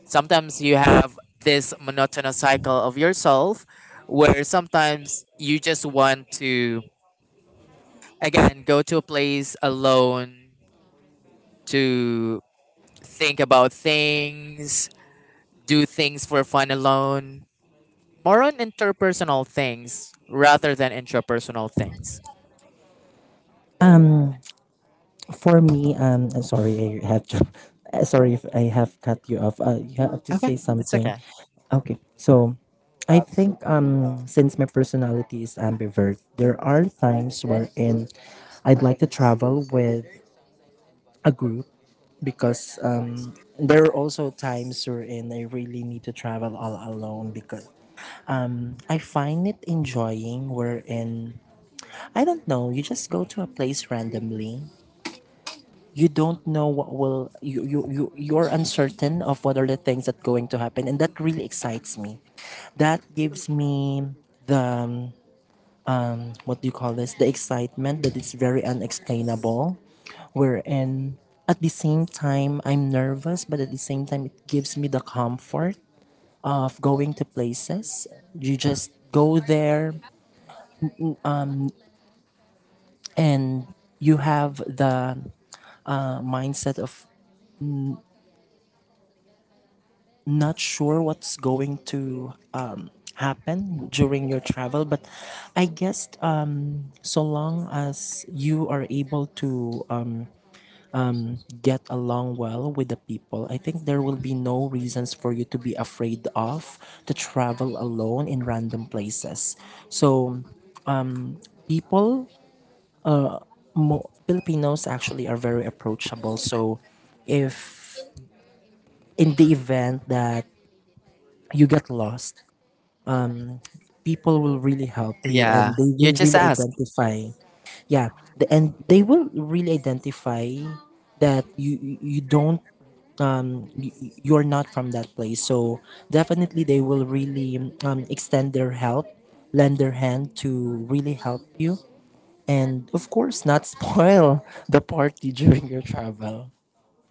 Sometimes you have this monotonous cycle of yourself where sometimes you just want to, again, go to a place alone to think about things, do things for fun alone, more on interpersonal things rather than intrapersonal things.
For me, sorry, I have to, sorry if I have cut you off. You have to
Okay,
say
it's
something.
okay.
Okay, so I think since my personality is ambivert, there are times wherein I'd like to travel with a group because there are also times wherein I really need to travel all alone because I find it enjoying wherein I don't know, you just go to a place randomly you don't know what will you're uncertain of what are the things that going to happen and that really excites me that gives me the what do you call this the excitement that is very unexplainable wherein at the same time I'm nervous but at the same time it gives me the comfort of going to places you just go there and you have the mindset of not sure what's going to happen during your travel, but I guess so long as you are able to get along well with the people, I think there will be no reasons for you to be afraid of to travel alone in random places. So people, mo- Filipinos actually are very approachable. So if in the event that you get lost, people will really help you and
Yeah,
they
you
will
just
really
asked.
identify yeah the, and they will really identify that you don't um you, you're not from that place so definitely they will really extend their help lend their hand to really help you and of course not spoil the party during your travel.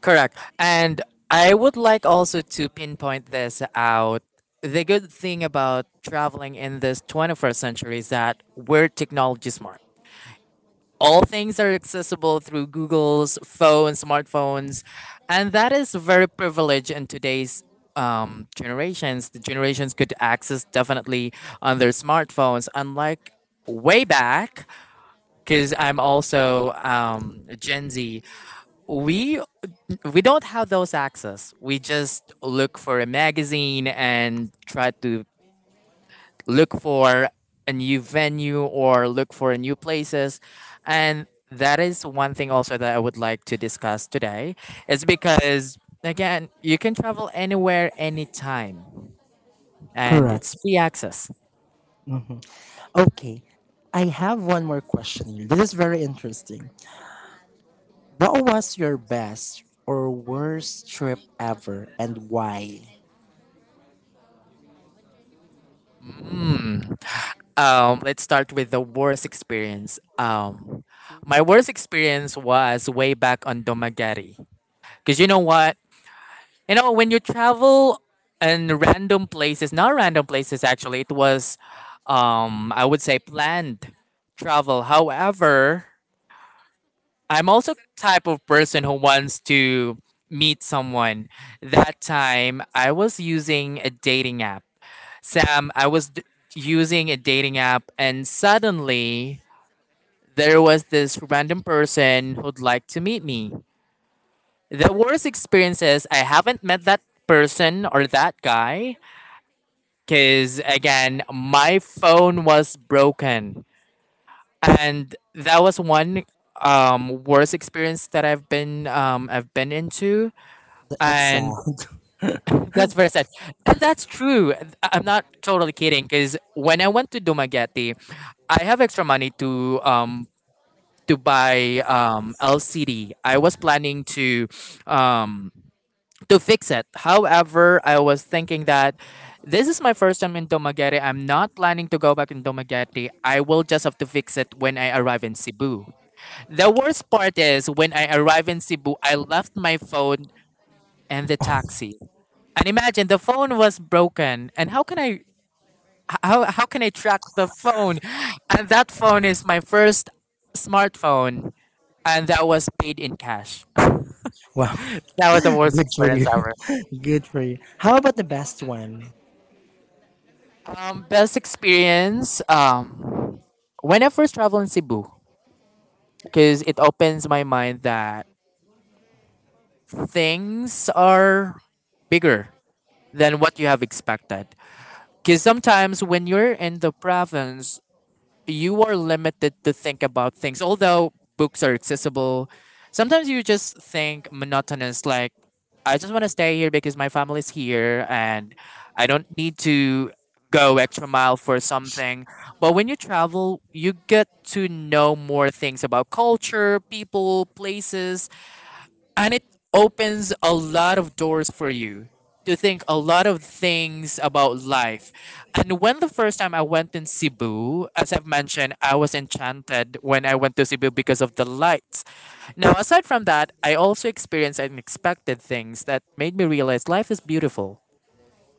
Correct. And I would like also to pinpoint this out. The good thing about traveling in this 21st century is that we're technology smart. All things are accessible through Google's phone, smartphones, and that is very privileged in today's generations. The generations could access definitely on their smartphones, unlike way back. Because I'm also Gen Z, we we don't have those access. We just look for a magazine and try to look for a new venue or look for new places. And that is one thing also that I would like to discuss today is because again, you can travel anywhere anytime and
Correct.
it's free access.
Okay, I have one more question here, this is very interesting. What was your best or worst trip ever and why?
Mm. Let's start with the worst experience.
Th-
My worst experience was way back on Domagari. Because you know what? You know, when you travel in random places, not random places actually, it was, I would say planned travel. However, I'm also type of person who wants to meet someone. That time, I was using a dating app. Sam, using a dating app, and suddenly there was this random person who'd like to meet me. The worst experience is I haven't met that person or that guy. Because again, my phone was broken, and that was one worst experience that I've been into,
that's sad.
and that's very sad. And that's true. I'm not totally kidding. Because when I went to Dumaguete, I have extra money to to buy LCD. I was planning um to fix it. However, I was thinking that this is my first time in Tomaguete. I'm not planning to go back in Tomaguete. I will just have to fix it when I arrive in Cebu. The worst part is when I arrive in Cebu, I left my phone and the taxi. And imagine the phone was broken. And how can I how can I track the phone? And that phone is my first smartphone, and that was paid in cash.
Wow.
That was the worst
Good for
experience
you.
ever.
Good for you. How about the best one?
Best experience. When I first travel in Cebu, because it opens my mind that things are bigger than what you have expected. Because sometimes when you're in the province, you are limited to think about things. Although books are accessible, sometimes you just think monotonous, like, I just want to stay here because my family's here and I don't need to go extra mile for something. But when you travel, you get to know more things about culture, people, places, and it opens a lot of doors for you to think a lot of things about life. And when the first time I went in Cebu, as I've mentioned, I was enchanted when I went to Cebu because of the lights. Now, aside from that, I also experienced unexpected things that made me realize life is beautiful,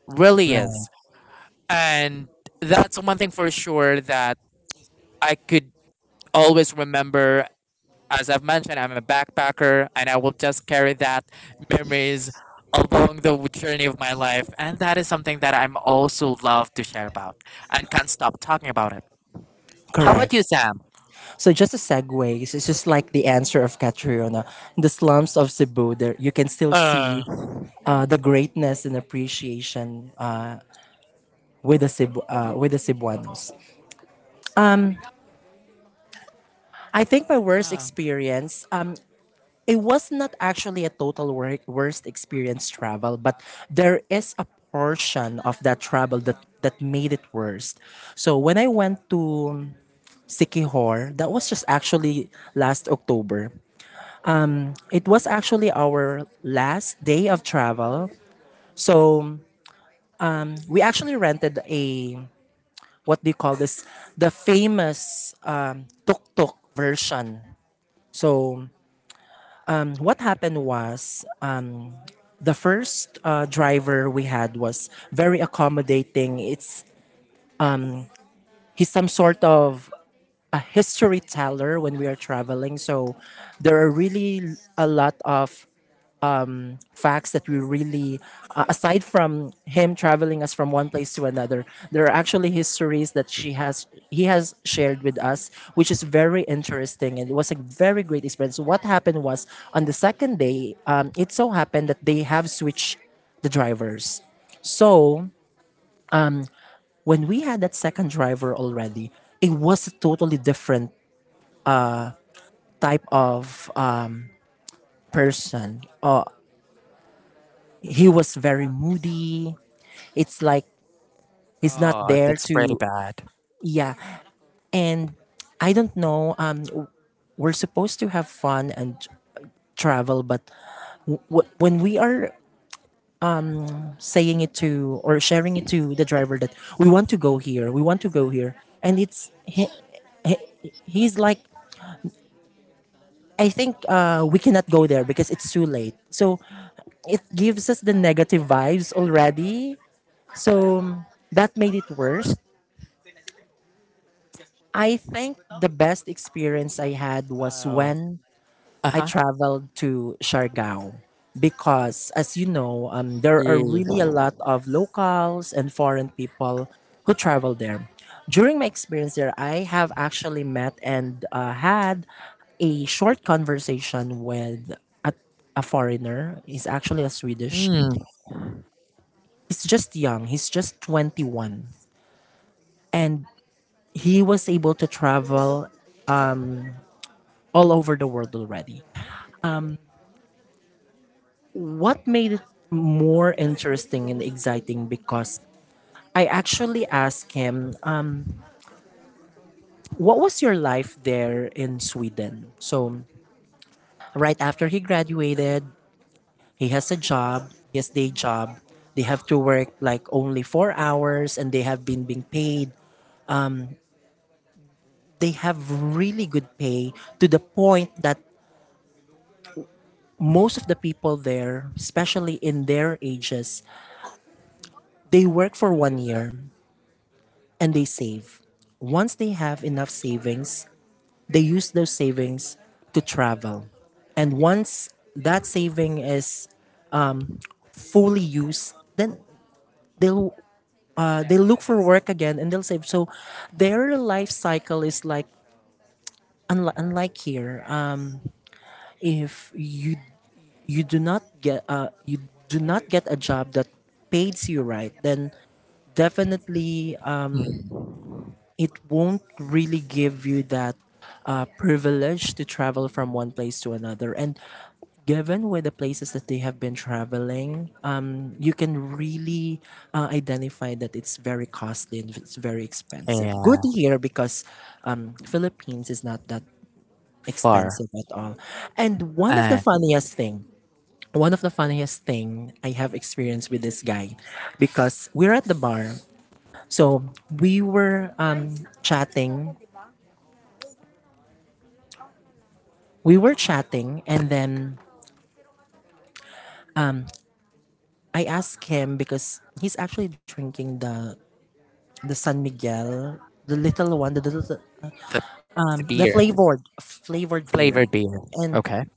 really
Right.
is. And that's one thing for sure that I could always remember. As I've mentioned, I'm a backpacker and I will just carry that memories along the journey of my life. And that is something that I'm also love to share about and can't stop talking about it. How about
Correct.
you, Sam?
So just a segue, it's just like the answer of Catriona. In the slums of Cebu, there you can still
Uh,
see the greatness and appreciation with the Cebu, with the Cebuanos. I think my worst
Ah,
experience, it was not actually a worst experience travel, but there is a portion of that travel that made it worse. So when I went to Sikihor, that was just actually last October. It was actually our last day of travel. So we actually rented a what do you call this? The famous tuk-tuk version. So what happened was the first driver we had was very accommodating. It's He's some sort of a history teller when we are traveling. So there are really a lot of facts that we really aside from him traveling us from one place to another there are actually histories that she has he has shared with us which is very interesting and it was a very great experience. What happened was on the second day it so happened that they have switched the drivers so when we had that second driver already, it was a totally different type of person. He was very moody. It's like he's not
oh,
there
that's pretty
to,
bad.
yeah. And I don't know, we're supposed to have fun and travel, but when we are saying it to or sharing it to the driver that we want to go here, we want to go here, and he, he's like I think we cannot go there because it's too late. So it gives us the negative vibes already. So that made it worse. I think the best experience I had was
Oh,
when
uh
I
huh.
traveled to Siargao because, as you know, there are
E.
really a lot of locals and foreign people who travel there. During my experience there, I have actually met and had a short conversation with a, a foreigner. He's actually a Swedish.
Mm,
He's just young, he's just 21. And he was able to travel all over the world already. What made it more interesting and exciting because I actually asked him, what was your life there in Sweden? So, right after he graduated, he has a job, he has day job. They have to work like only 4 hours and they have been being paid. They have really good pay to the point that most of the people there, especially in their ages, they work for 1 year and they save. Once they have enough savings, they use those savings to travel. And once that saving is fully used, then they'll they'll look for work again and they'll save. So their life cycle is like unlike here. If you you do not get a job that pays you right, then definitely
mm.
it won't really give you that privilege to travel from one place to another. And given with the places that they have been traveling, you can really identify that it's very costly and it's very expensive. Good
And
here because Philippines is not that expensive
four.
at all. And
And
one of the funniest thing I have experienced with this guy, because we're at the bar. So we were chatting we were chatting and then I asked him because he's actually drinking the San Miguel, the little,
the, the
the
beer,
flavored beer.
flavored beer.
And
Okay.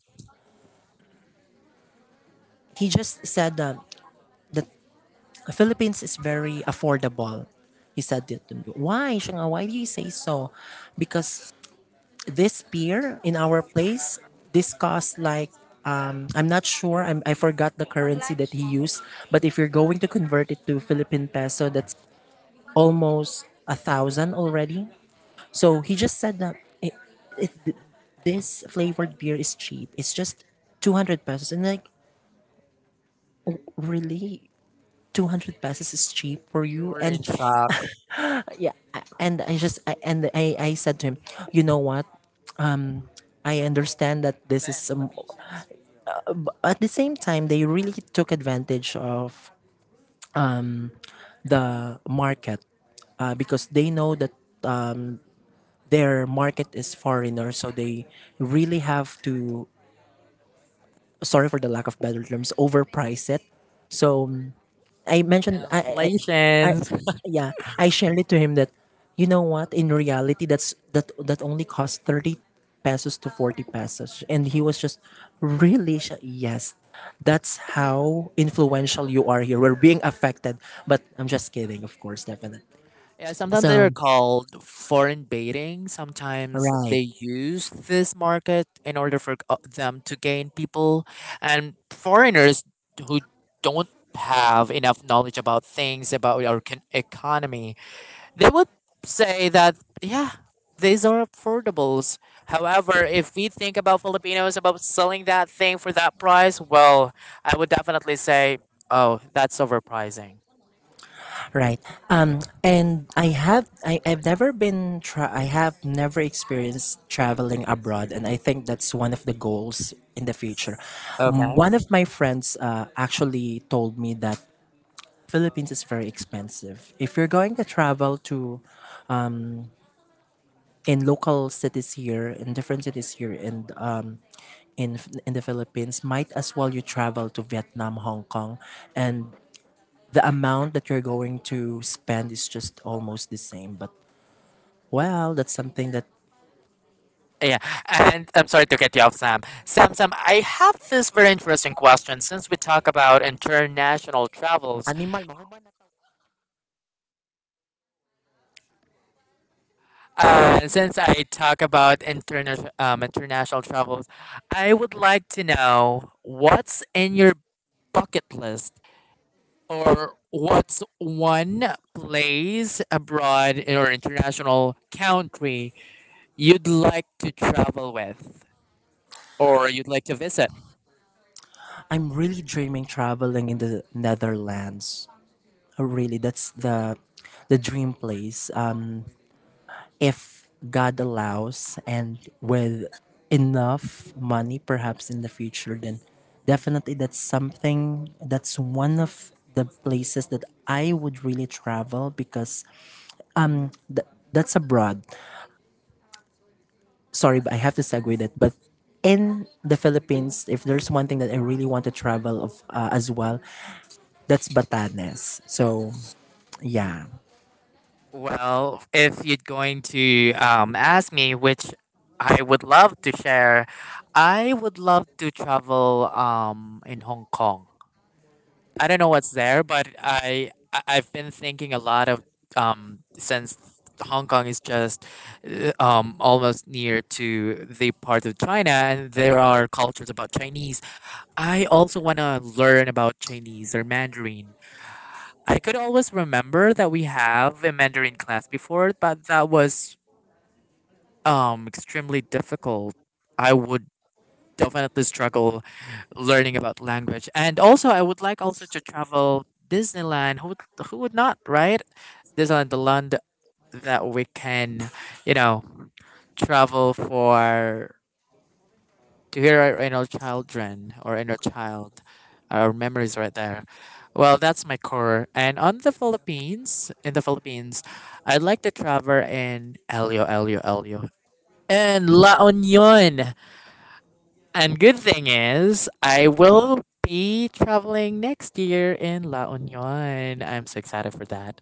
he just said that the Philippines is very affordable. He said it to me. Why, Shanga, why do you say so? Because this beer in our place, this costs like I'm not sure. I forgot the currency that he used. But if you're going to convert it to Philippine peso, that's almost a thousand already. So he just said that it, this flavored beer is cheap. It's just 200 pesos, and like really, 200 pesos is cheap for
You
you.
were in shock.
And I just I, and I I said to him, you know what? I understand that this is some. At the same time, they really took advantage of the market because they know that their market is foreigner, so they really have to sorry for the lack of better terms, overprice it. So mm, I mentioned I
Inflation.
yeah, I shared it to him that you know what, in reality that's that only costs 30 pesos to 40 pesos and he was just really sh- yes. That's how influential you are here. We're being affected, but I'm just kidding, of course, definitely.
Yeah, sometimes they're
So,
called foreign baiting. Sometimes
right.
they use this market in order for them to gain people. And foreigners who don't have enough knowledge about things, about our economy, they would say that, yeah, these are affordables. However, if we think about Filipinos about selling that thing for that price, well, I would definitely say, oh, that's overpricing.
Right. And I have I've never been I have never experienced traveling abroad and I think that's one of the goals in the future. One
Okay.
of my friends actually told me that Philippines is very expensive. If you're going to travel to in local cities here, in different cities here and in the Philippines, might as well you travel to Vietnam, Hong Kong and the amount that you're going to spend is just almost the same but well, that's something that
Yeah, and I'm sorry to cut you off, Sam. Sam, I have this very interesting question. Since we talk about international travels, since I talk about interna- international travels, I would like to know what's in your bucket list, or what's one place abroad in or international country you'd like to travel with, or you'd like to visit.
I'm really dreaming traveling in the Netherlands. Really, that's the dream place. If God allows and with enough money perhaps in the future then definitely that's something that's one of the places that I would really travel because that's abroad. Sorry, but I have to segue that. But in the Philippines, if there's one thing that I really want to travel of as well, that's Batanes. So yeah.
Well, if you're going to ask me, which I would love to share, I would love to travel in Hong Kong. I don't know what's there, but I've been thinking a lot of since Hong Kong is just almost near to the part of China, and there are cultures about Chinese. I also want to learn about Chinese or Mandarin. I could always remember that we have a Mandarin class before, but that was extremely difficult. I would definitely struggle learning about language. And also I would like also to travel Disneyland. Who would not, right? Disneyland, the land that we can, you know, travel for to hear our inner children or inner child, our memories right there. Well, that's my core. And on the Philippines, in the Philippines, I'd like to travel in Elio, and La Union. And good thing is, I will be traveling next year in La Union. I'm so excited for that.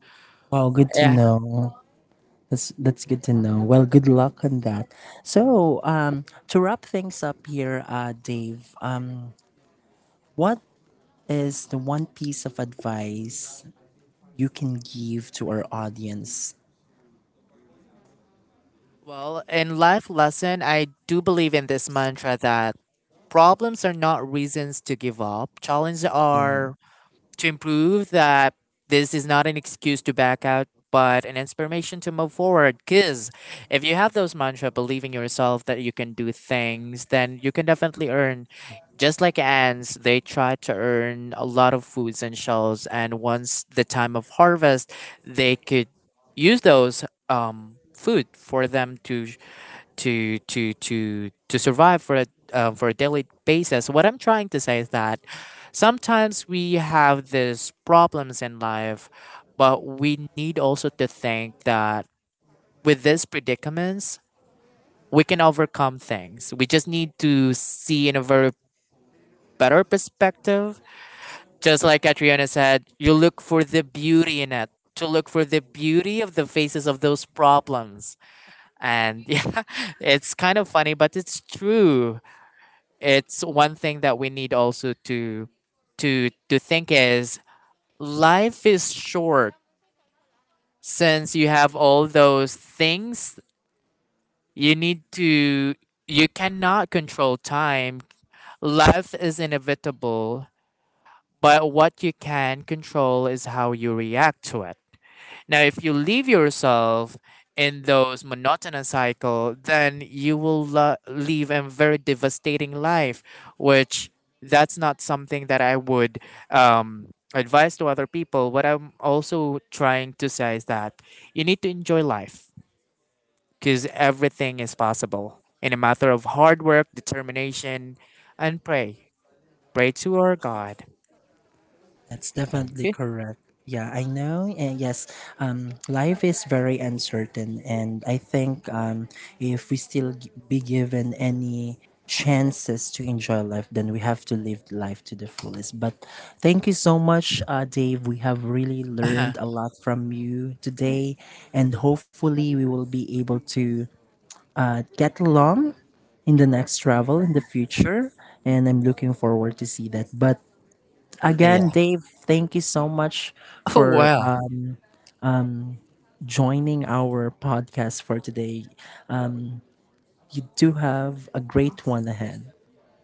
Well, good to
Yeah.
know. That's good to know. Well, good luck on that. So to wrap things up here, Dave, what is the one piece of advice you can give to our audience?
Well, in life lesson, I do believe in this mantra that problems are not reasons to give up. Challenges are to improve that this is not an excuse to back out but an inspiration to move forward. Because if you have those mantra believing yourself that you can do things, then you can definitely earn, just like ants. They try to earn a lot of foods and shells, and once the time of harvest, they could use those food for them to survive for a daily basis. What I'm trying to say is that sometimes we have these problems in life, but we need also to think that with these predicaments, we can overcome things. We just need to see in a very better perspective. Just like Catriona said, you look for the beauty in it. To look for the beauty of the faces of those problems. And yeah, it's kind of funny, but it's true. It's one thing that we need also to think is life is short. Since you have all those things, you need to, you cannot control time. Life is inevitable, but what you can control is how you react to it. Now, if you leave yourself in those monotonous cycle, then you will live a very devastating life, which that's not something that I would um, advise to other people. What I'm also trying to say is that you need to enjoy life, because everything is possible in a matter of hard work, determination, and pray. Pray to our God.
That's
Thank
definitely
you.
correct. Yeah, I know. And yes, life is very uncertain, and I think if we still be given any chances to enjoy life, then we have to live life to the fullest. But thank you so much, Dave. We have really learned a lot from you today, and hopefully, we will be able to get along in the next travel in the future and I'm looking forward to see that but again,
Yeah.
Dave, thank you so much for
Well.
joining our podcast for today. Um, you do have a great one ahead.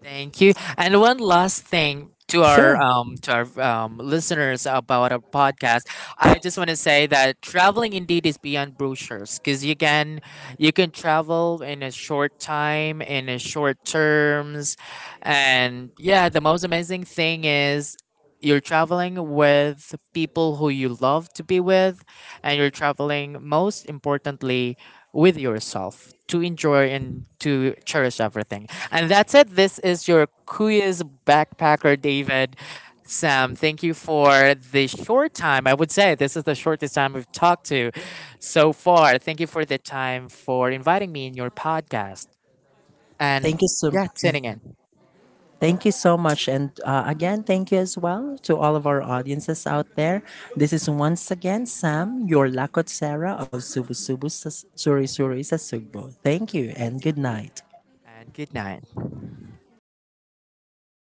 Thank you. And one last thing to
Sure.
our listeners about our podcast, I just want to say that traveling indeed is beyond brochures because you can travel in a short time, in a short terms, and yeah, the most amazing thing is you're traveling with people who you love to be with, and you're traveling most importantly with yourself to enjoy and to cherish everything. And that's it. This is your quiz backpacker, David. Sam, thank you for the short time. I would say this is the shortest time we've talked to so far. Thank you for the time for inviting me in your podcast and
Thank you so
yeah, tuning in.
Thank you so much and again thank you as well to all of our audiences out there. This is once again Sam, your Lakot Sarah of Subu Subu Suri Suri Sasugbo. Thank you and good night.
And good night.